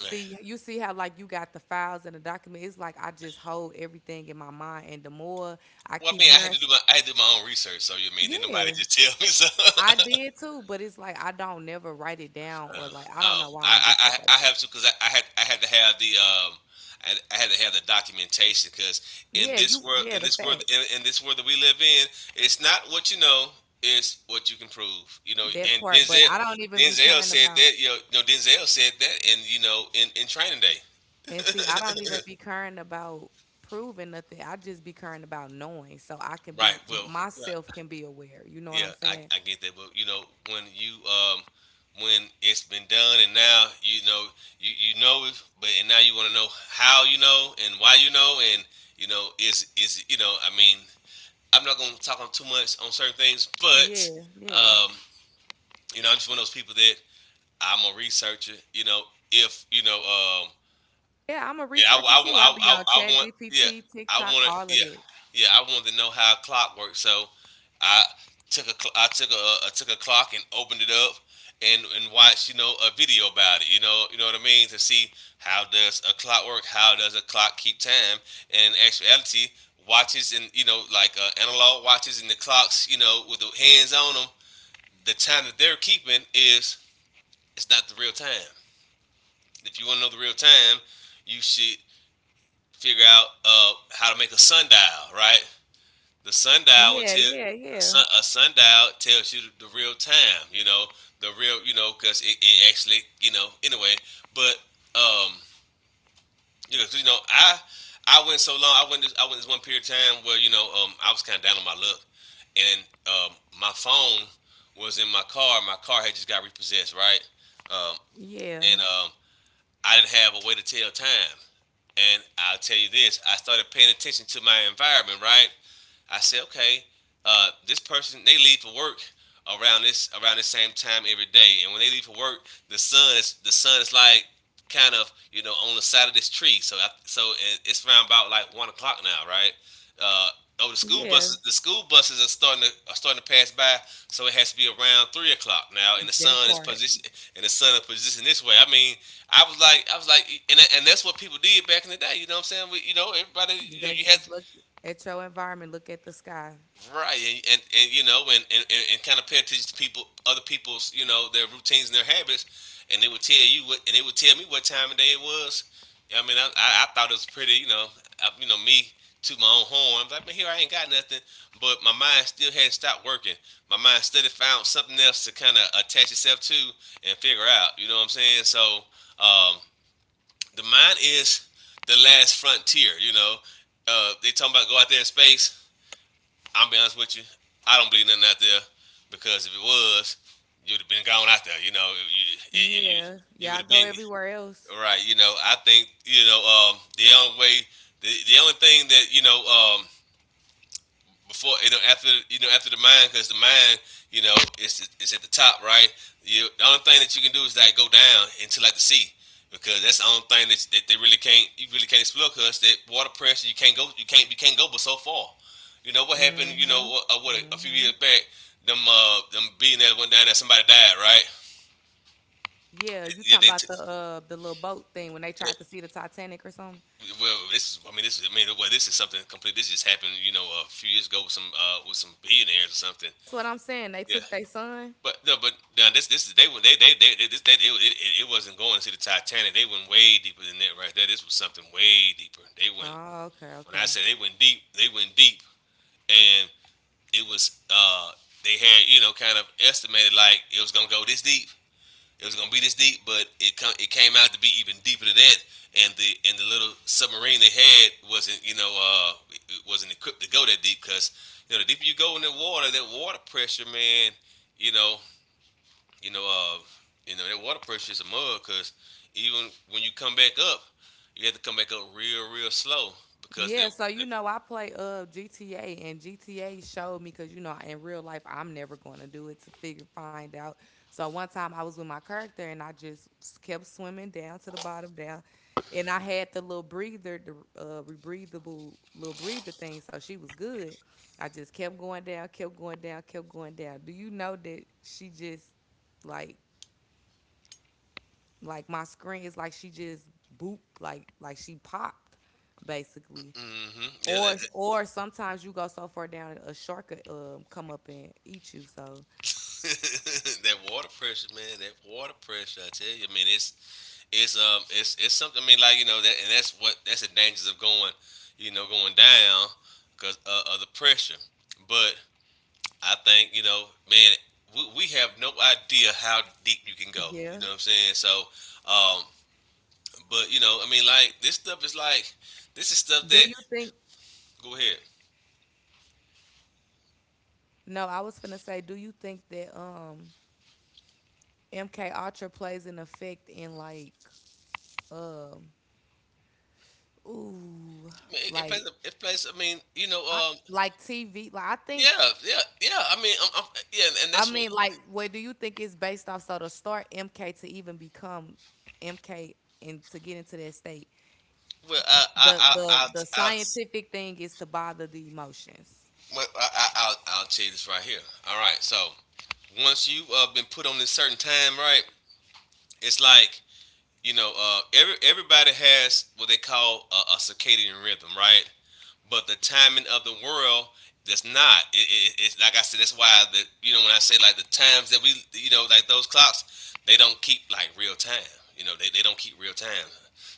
Speaker 1: man.
Speaker 2: you see how like you got the files and the document. It's like I just hold everything in my mind, and the more I
Speaker 1: Well, I
Speaker 2: keep
Speaker 1: mean,
Speaker 2: hearing,
Speaker 1: I had to do my own research. So you mean didn't nobody
Speaker 2: yeah,
Speaker 1: just *laughs* tell me so?
Speaker 2: I
Speaker 1: *laughs*
Speaker 2: did too. But it's like I don't never write it down, or
Speaker 1: Uh,
Speaker 2: like I don't know why I don't do stuff like
Speaker 1: I
Speaker 2: that.
Speaker 1: have to because I had to have the I had to have the documentation because
Speaker 2: Yeah, you, yeah, the facts,
Speaker 1: in this world that we live in, it's not what you know, it's what you can prove. You know,
Speaker 2: that
Speaker 1: and
Speaker 2: part. But I don't even be
Speaker 1: Denzel
Speaker 2: caring
Speaker 1: said
Speaker 2: about.
Speaker 1: that you know, no, Denzel said that in in Training Day,
Speaker 2: And see, I don't even be current about proving nothing. I just be current about knowing, so I can
Speaker 1: right?
Speaker 2: be myself, can be aware. You know what
Speaker 1: Yeah,
Speaker 2: I'm saying?
Speaker 1: I get that, but you know when you when it's been done and now you know you you know it, but and now you want to know how you know and why you know and you know is you know I mean I'm not gonna talk on too much on certain things, but
Speaker 2: Yeah, yeah.
Speaker 1: um you know I'm just one of those people that I'm a researcher. You know if you know
Speaker 2: Yeah, I'm a
Speaker 1: and
Speaker 2: researcher too. I be on Chat GPT,
Speaker 1: I
Speaker 2: TikTok,
Speaker 1: want
Speaker 2: all
Speaker 1: to,
Speaker 2: of
Speaker 1: yeah,
Speaker 2: that.
Speaker 1: yeah, I wanted to know how a clock works. So I I I took a clock and opened it up and watched, you know, a video about it. You know what I mean, to see how does a clock work? How does a clock keep time? And in actuality, watches and you know, like analog watches and the clocks, you know, with the hands on them, the time that they're keeping is it's not the real time. If you want to know the real time, you should figure out how to make a sundial, right? The sundial would
Speaker 2: Yeah,
Speaker 1: tell
Speaker 2: yeah, yeah.
Speaker 1: a sundial tells you the real time, you know, the real, you know, because it actually, you know, anyway. But um, you know, I went so long. I went this one period of time where you know I was kind of down on my luck, and my phone was in my car. My car had just got repossessed, right? Um, and
Speaker 2: Yeah.
Speaker 1: I didn't have a way to tell time. And I'll tell you this, I started paying attention to my environment, right? I said, okay, this person they leave for work around the same time every day, and when they leave for work, the sun is like kind of you know on the side of this tree. So it's around about like 1 o'clock now, right? Uh, oh,
Speaker 2: Yeah.
Speaker 1: the school buses are starting to pass by, so it has to be around 3 o'clock now,
Speaker 2: That part.
Speaker 1: and the sun is positioned this way. I mean, I was like, and that's what people did back in the day. You know what I'm saying? We, you know, everybody, you know, you
Speaker 2: That's
Speaker 1: had
Speaker 2: just look at your environment, look at the sky.
Speaker 1: right, and you know, and kind of pay attention to people, other people's, you know, their routines and their habits, and they would tell you what, and they would tell me what time of day it was. Yeah, I mean, I thought it was pretty, you know, I, you know, me to my own horn. I'm like, man, here I ain't got nothing, but my mind still hadn't stopped working. My mind still had found something else to kind of attach itself to and figure out. You know what I'm saying? So, um, the mind is the last frontier. You know, they talking about go out there in space. I'm be honest with you, I don't believe nothing out there because if it was, you'd have been gone out there. You, you,
Speaker 2: Yeah.
Speaker 1: you would
Speaker 2: Y'all
Speaker 1: have
Speaker 2: go
Speaker 1: been
Speaker 2: everywhere else.
Speaker 1: right. You know, I think you know the only thing that you know after you know after the mind because the mind you know is at the top right. You the only thing that you can do is like go down into like the sea because that's the only thing that they really can't you really can't explore because that water pressure you can't go but so far. You know what happened? You know
Speaker 2: Mm-hmm.
Speaker 1: what? What a few
Speaker 2: Mm-hmm.
Speaker 1: years back them billionaires went down there, somebody died, right?
Speaker 2: Yeah, you
Speaker 1: Yeah
Speaker 2: talking
Speaker 1: they. T-
Speaker 2: about the little boat thing when they tried to see the Titanic or something?
Speaker 1: yeah, well, this is. I mean, this is. I mean, well, This is something complete. This just happened, you know, a few years ago with some billionaires or something.
Speaker 2: That's what I'm saying. They
Speaker 1: Yeah.
Speaker 2: took their son.
Speaker 1: But no, but now this is they were- they, this they, it wasn't going to see the Titanic. They went way deeper than that right there. This was something way deeper. They went,
Speaker 2: Oh, okay,
Speaker 1: when I
Speaker 2: okay.
Speaker 1: said they went deep, and it was they had, you know, kind of estimated like it was gonna go this deep, it was gonna be this deep, but it came out to be even deeper than that. And the little submarine they had wasn't, you know, it wasn't equipped to go that deep because you know, the deeper you go in the water, that water pressure, man. You know you know, uh, you know that water pressure is a mug because even when you come back up, you have to come back up real, real slow because that
Speaker 2: Yeah, so you
Speaker 1: that
Speaker 2: know I play GTA, and GTA showed me because you know in real life I'm never going to do it to figure find out. So one time I was with my character and I just kept swimming down to the bottom down, and I had the little breather, the rebreathable little breather thing. So she was good. I just kept going down, kept going down, kept going down. Do you know that she just like. Like my screen is like she just boop, like she popped, basically.
Speaker 1: hmm yeah, that, that
Speaker 2: Or sometimes you go so far down a shark could come up and eat you. So
Speaker 1: *laughs* that water pressure, man, that water pressure. I tell you, I mean, it's it's something. I mean, like, you know that, and that's the dangers of going, you know, going down because, of the pressure. But I think, you know, man, we have no idea how deep you can
Speaker 2: yeah.
Speaker 1: go. You know what I'm saying? Um, But you know, I mean, like, this stuff is like this is stuff
Speaker 2: Do
Speaker 1: that
Speaker 2: you think?
Speaker 1: go ahead.
Speaker 2: No, I was finna say. Do you think that MK Ultra plays an effect in like um ooh,
Speaker 1: I mean, it plays.
Speaker 2: like
Speaker 1: It plays. I mean, you know.
Speaker 2: I, like TV, like I think.
Speaker 1: Yeah. Yeah. Yeah. I mean. I yeah. And
Speaker 2: I
Speaker 1: that's what.
Speaker 2: mean like what do you think is based off? So to start MK to even become MK and to get into that state.
Speaker 1: Well, I. I. I. I.
Speaker 2: The
Speaker 1: I
Speaker 2: scientific thing is to bother the emotions.
Speaker 1: I'll tell you this right here. All right. So once you've been put on this certain time, right? It's like, you know, everybody has what they call a circadian rhythm, right? But the timing of the world, that's not. It's like I said. That's why the, you know, when I say like the times that we, you know, like those clocks, they don't keep like real time. You know they don't keep real time.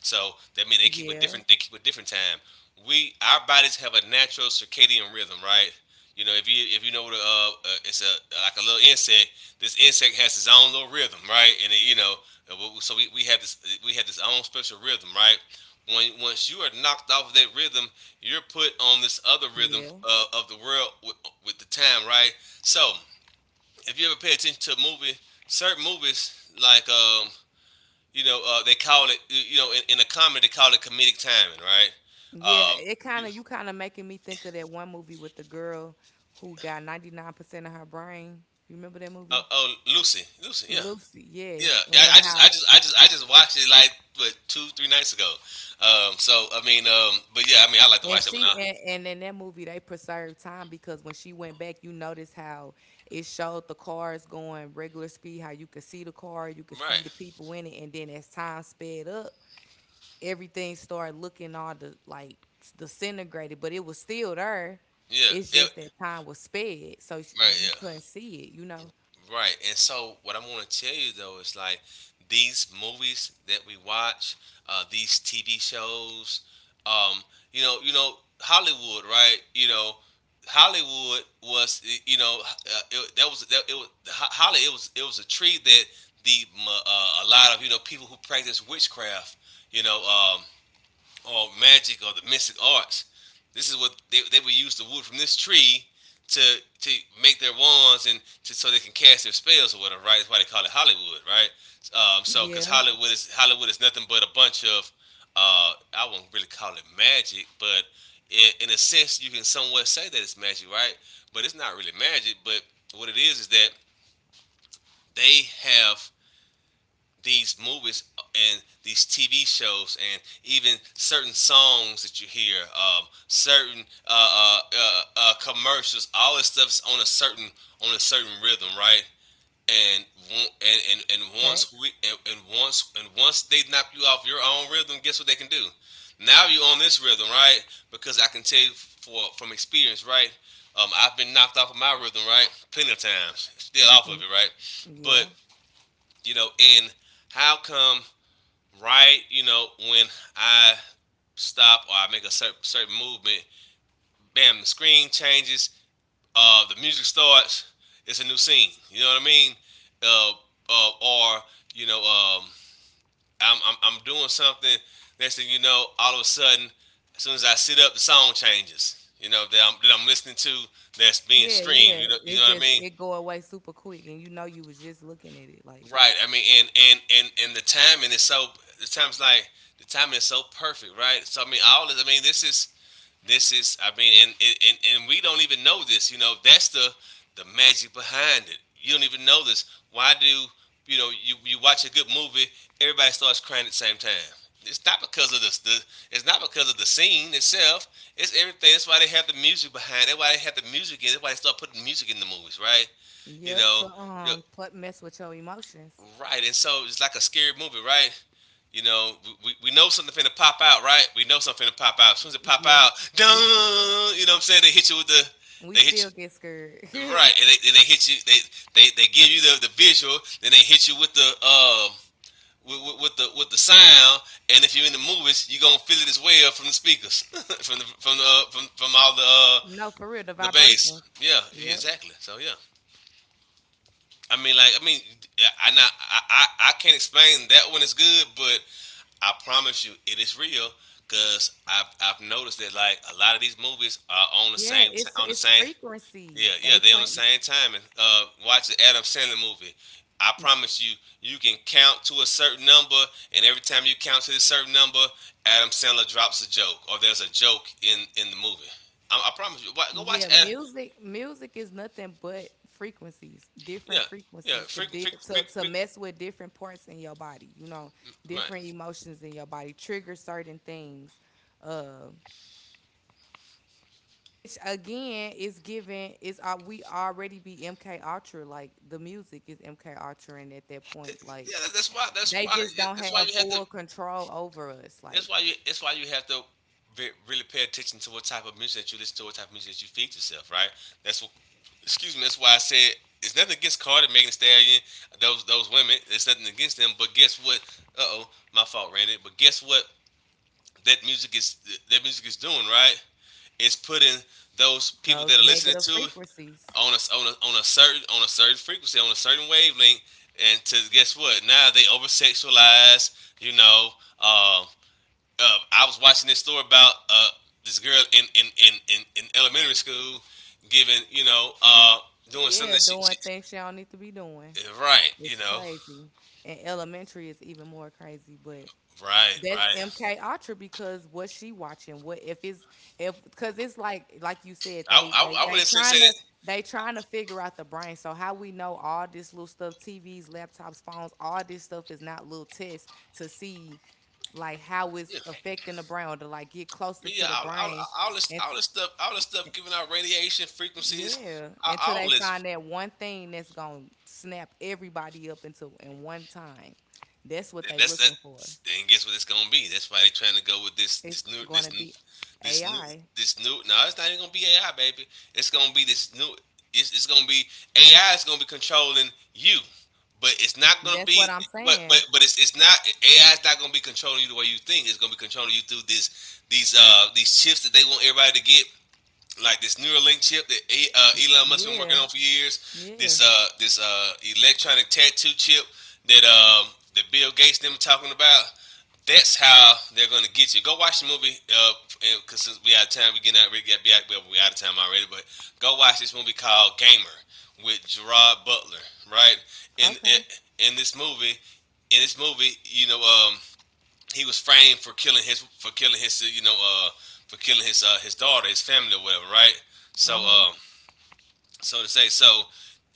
Speaker 1: So that means they keep a
Speaker 2: Yeah,
Speaker 1: different, they keep a different time. We, our bodies have a natural circadian rhythm, right? You know, if you know what a, it's a like a little insect. This insect has its own little rhythm, right? And it, you know, we have this, we have this own special rhythm, right? When once you are knocked off of that rhythm, you're put on this other rhythm,
Speaker 2: yeah.
Speaker 1: of the world with the time, right? So if you ever pay attention to a movie, certain movies like, you know, they call it, you know, in a comedy they call it comedic timing, right?
Speaker 2: Yeah,
Speaker 1: Um,
Speaker 2: it kind
Speaker 1: you-
Speaker 2: of, you kind of making me think of that one movie with the girl who got 99% of her brain. You remember that movie?
Speaker 1: oh, Lucy, Lucy, yeah,
Speaker 2: Lucy,
Speaker 1: yeah.
Speaker 2: yes. And
Speaker 1: I just, I
Speaker 2: how
Speaker 1: just, I just, I just watched it like what, two, three nights ago. But yeah, I mean, I like to
Speaker 2: and
Speaker 1: watch that one.
Speaker 2: she and in that movie they preserved time because when she went back, you notice how it showed the cars going regular speed, how you could see the car, you could see
Speaker 1: Right?
Speaker 2: the people in it, and then as time sped up, everything started looking all the like disintegrated, but it was still there.
Speaker 1: Yeah,
Speaker 2: It's
Speaker 1: yeah,
Speaker 2: just that time was sped, so
Speaker 1: right,
Speaker 2: you couldn't
Speaker 1: yeah.
Speaker 2: see it. You know.
Speaker 1: Right. And so what I want to tell you though is like these movies that we watch, these TV shows, um, you know, you know, Hollywood, right? You know, Hollywood was, you know, it was Holly. It was, it was a tree that a lot of, you know, people who practice witchcraft, you know, or magic or the mystic arts. This is what they would use the wood from this tree to to make their wands and to, so they can cast their spells or whatever, right? That's why they call it Hollywood, right? So because
Speaker 2: Yeah.
Speaker 1: Hollywood is, Hollywood is nothing but a bunch of, I won't really call it magic, but in a sense you can somewhat say that it's magic, right? But it's not really magic. But what it is that they have these movies and these TV shows and even certain songs that you hear, certain commercials, all this stuff's on a certain, on a certain rhythm, right? And and once
Speaker 2: Facts.
Speaker 1: we and once they knock you off your own rhythm, guess what they can do? Now you're on this rhythm, right? Because I can tell you for from experience, right? I've been knocked off of my rhythm, right? Plenty of times, still off of it, right? But
Speaker 2: Yeah.
Speaker 1: you know, and how come, right, you know, when I stop or I make a certain, certain movement, bam, the screen changes, the music starts, it's a new scene. You know what I mean? Uh, or you know, I'm doing something. Next thing you know, all of a sudden, as soon as I sit up, the song changes, you know, that I'm listening to, that's being
Speaker 2: Yeah.
Speaker 1: streamed.
Speaker 2: Yeah.
Speaker 1: You know
Speaker 2: It
Speaker 1: what I
Speaker 2: just
Speaker 1: mean?
Speaker 2: it go away super quick, and you know you was just looking at it like.
Speaker 1: Right. I mean, and the timing is so the time's like the timing is so perfect, right? So I mean, all this. I mean, this is. This is, I mean, and we don't even know this. You know, that's the magic behind it. You don't even know this. Why do you know? You watch a good movie, everybody starts crying at the same time. It's not because of the it's not because of the scene itself. It's everything. That's why they have the music behind it. That's why they have the music in it. That's why they start putting music in the movies, right? You
Speaker 2: Yep.
Speaker 1: know,
Speaker 2: To
Speaker 1: you know,
Speaker 2: mess with your emotions.
Speaker 1: right. And so it's like a scary movie, right? You know, we know something finna pop out, right? We know something finna pop out. As soon as it pop out,
Speaker 2: Yep.
Speaker 1: dun,
Speaker 2: We
Speaker 1: you know what I'm saying? They hit you with the,
Speaker 2: we
Speaker 1: they hit
Speaker 2: still get scared.
Speaker 1: you, right? And they hit you, they give you the visual, then they hit you with the, with, with the with the sound, and if you're in the movies, you're gonna feel it as well from the speakers, *laughs* from the from all
Speaker 2: *laughs* No, for real, the
Speaker 1: the bass.
Speaker 2: vibration.
Speaker 1: Yeah, yeah,
Speaker 2: Yep.
Speaker 1: exactly. So yeah, I mean, like, I mean, I can't explain that one is good, but I promise you, it is real. Cause I've noticed that like a lot of these movies are on the
Speaker 2: Yeah,
Speaker 1: same on the
Speaker 2: it's
Speaker 1: same, yeah,
Speaker 2: frequencies.
Speaker 1: yeah,
Speaker 2: They
Speaker 1: they on the
Speaker 2: plant.
Speaker 1: same time. And watch the Adam Sandler movie. I promise you, you can count to a certain number, and every time you count to a certain number, Adam Sandler drops a joke or there's a joke in the movie. I promise you, go watch
Speaker 2: Yeah,
Speaker 1: Adam.
Speaker 2: music is nothing but frequencies,
Speaker 1: Yeah
Speaker 2: different
Speaker 1: yeah
Speaker 2: frequencies to
Speaker 1: freak
Speaker 2: deal
Speaker 1: freak freak,
Speaker 2: to
Speaker 1: freak
Speaker 2: mess with different parts in your body, you know, different
Speaker 1: Right.
Speaker 2: emotions in your body, trigger certain things. Uh, which again is given is we already be MK Ultra, like the music is MK Ultra, and at that point, like
Speaker 1: Yeah, that's why. That's
Speaker 2: they
Speaker 1: why.
Speaker 2: just
Speaker 1: Yeah,
Speaker 2: don't
Speaker 1: that's why
Speaker 2: have
Speaker 1: you had to.
Speaker 2: full control over us, like
Speaker 1: That's why you have to really pay attention to what type of music that you listen to, what type of music that you feed yourself. Right. That's what. Excuse me. That's why I said it's nothing against Cardi, Megan Thee Stallion, those women. It's nothing against them. But guess what? Uh, oh, my fault, Randy. But guess what? That music is, that music is doing right. It's putting those people that
Speaker 2: those
Speaker 1: are listening
Speaker 2: negative
Speaker 1: to it
Speaker 2: frequencies.
Speaker 1: on a, on a certain on a certain frequency, on a certain wavelength. And to guess what? Now they over sexualize. You know. Um, I was watching this story about, this girl in in elementary school, giving, you know, doing something
Speaker 2: Yeah,
Speaker 1: that she
Speaker 2: doing things you don't need to be doing.
Speaker 1: yeah, right, you
Speaker 2: It's
Speaker 1: know,
Speaker 2: crazy. And elementary is even more crazy, but
Speaker 1: right,
Speaker 2: that's
Speaker 1: right.
Speaker 2: MK Ultra because what's she watching? What if it's, if because it's like you said, they they
Speaker 1: I
Speaker 2: they
Speaker 1: wouldn't say
Speaker 2: trying
Speaker 1: that.
Speaker 2: to, they trying to figure out the brain. So how we know all this little stuff, TVs, laptops, phones, all this stuff is not little tests to see like how it's
Speaker 1: Yeah,
Speaker 2: affecting the brain or to like get
Speaker 1: I
Speaker 2: closer
Speaker 1: mean,
Speaker 2: to the brain
Speaker 1: all this,
Speaker 2: and.
Speaker 1: all this stuff giving out radiation frequencies.
Speaker 2: Yeah,
Speaker 1: all,
Speaker 2: until
Speaker 1: all
Speaker 2: they
Speaker 1: this
Speaker 2: find that one thing that's gonna snap everybody up into in one time. That's what they
Speaker 1: That's that.
Speaker 2: looking for.
Speaker 1: And guess what it's gonna be? That's why they are trying to go with this, this
Speaker 2: It's
Speaker 1: new
Speaker 2: gonna
Speaker 1: this new
Speaker 2: be
Speaker 1: this new
Speaker 2: AI.
Speaker 1: this new. No, it's not even gonna be AI, baby. It's gonna be this new. It's gonna be, AI is gonna be controlling you, but it's not gonna
Speaker 2: That's
Speaker 1: be.
Speaker 2: what I'm
Speaker 1: But
Speaker 2: saying.
Speaker 1: but it's not, AI is not gonna be controlling you the way you think. It's gonna be controlling you through this these chips that they want everybody to get, like this Neuralink chip that Elon Musk been working
Speaker 2: Yeah,
Speaker 1: on for years.
Speaker 2: yeah.
Speaker 1: This electronic tattoo chip that that Bill Gates them talking about. That's how they're gonna get you. Go watch the movie. Because since we out of time, we getting out. We got we out, well, we out of time already. But go watch this movie called Gamer with Gerard Butler, right? In
Speaker 2: Okay.
Speaker 1: in in this movie, in this movie, you know, he was framed for killing his, for killing his, you know, for killing his daughter, his family or whatever, right?
Speaker 2: Uh
Speaker 1: so
Speaker 2: huh.
Speaker 1: um so to say. So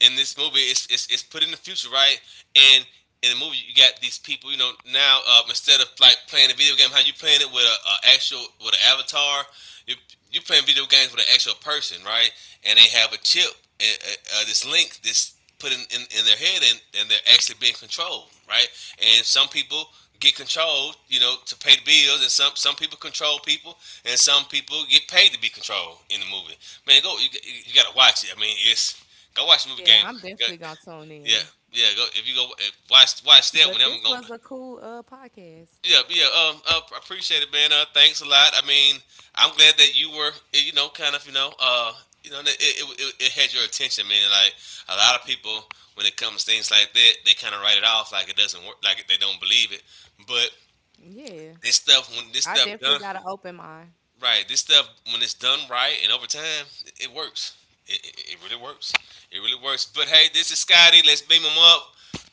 Speaker 1: in this movie, it's put in the future, right? And in the movie, you got these people, you know, now, instead of like playing a video game, how you playing it with a actual with an avatar, you you playing video games with an actual person, right? And they have a chip, uh, this link, this put in, in their head, and they're actually being controlled, right? And some people get controlled, you know, to pay the bills, and some people control people, and some people get paid to be controlled in the movie. Man, go. You gotta watch it. I mean, it's, go watch the movie
Speaker 2: Yeah,
Speaker 1: Gamer.
Speaker 2: I'm
Speaker 1: Go,
Speaker 2: definitely gonna tune
Speaker 1: yeah,
Speaker 2: in.
Speaker 1: yeah. Go if you go, watch, watch that one.
Speaker 2: But
Speaker 1: That
Speaker 2: this
Speaker 1: one
Speaker 2: was
Speaker 1: gonna.
Speaker 2: a cool podcast.
Speaker 1: Yeah, yeah. I appreciate it, man. Thanks a lot. I mean, I'm glad that you were, you know, kind of, you know, that it had your attention, man. Like a lot of people, when it comes to things like that, they kind of write it off like it doesn't work, like they don't believe it. But
Speaker 2: Yeah,
Speaker 1: this stuff, when this
Speaker 2: I
Speaker 1: stuff
Speaker 2: definitely
Speaker 1: done,
Speaker 2: got an open mind,
Speaker 1: right. This stuff, when it's done right and over time, it works. It really works. It really works. But hey, this is Scotty. Let's beam him up.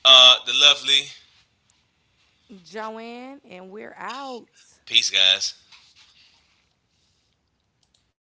Speaker 1: The lovely.
Speaker 2: Joanne, and we're out.
Speaker 1: Peace, guys.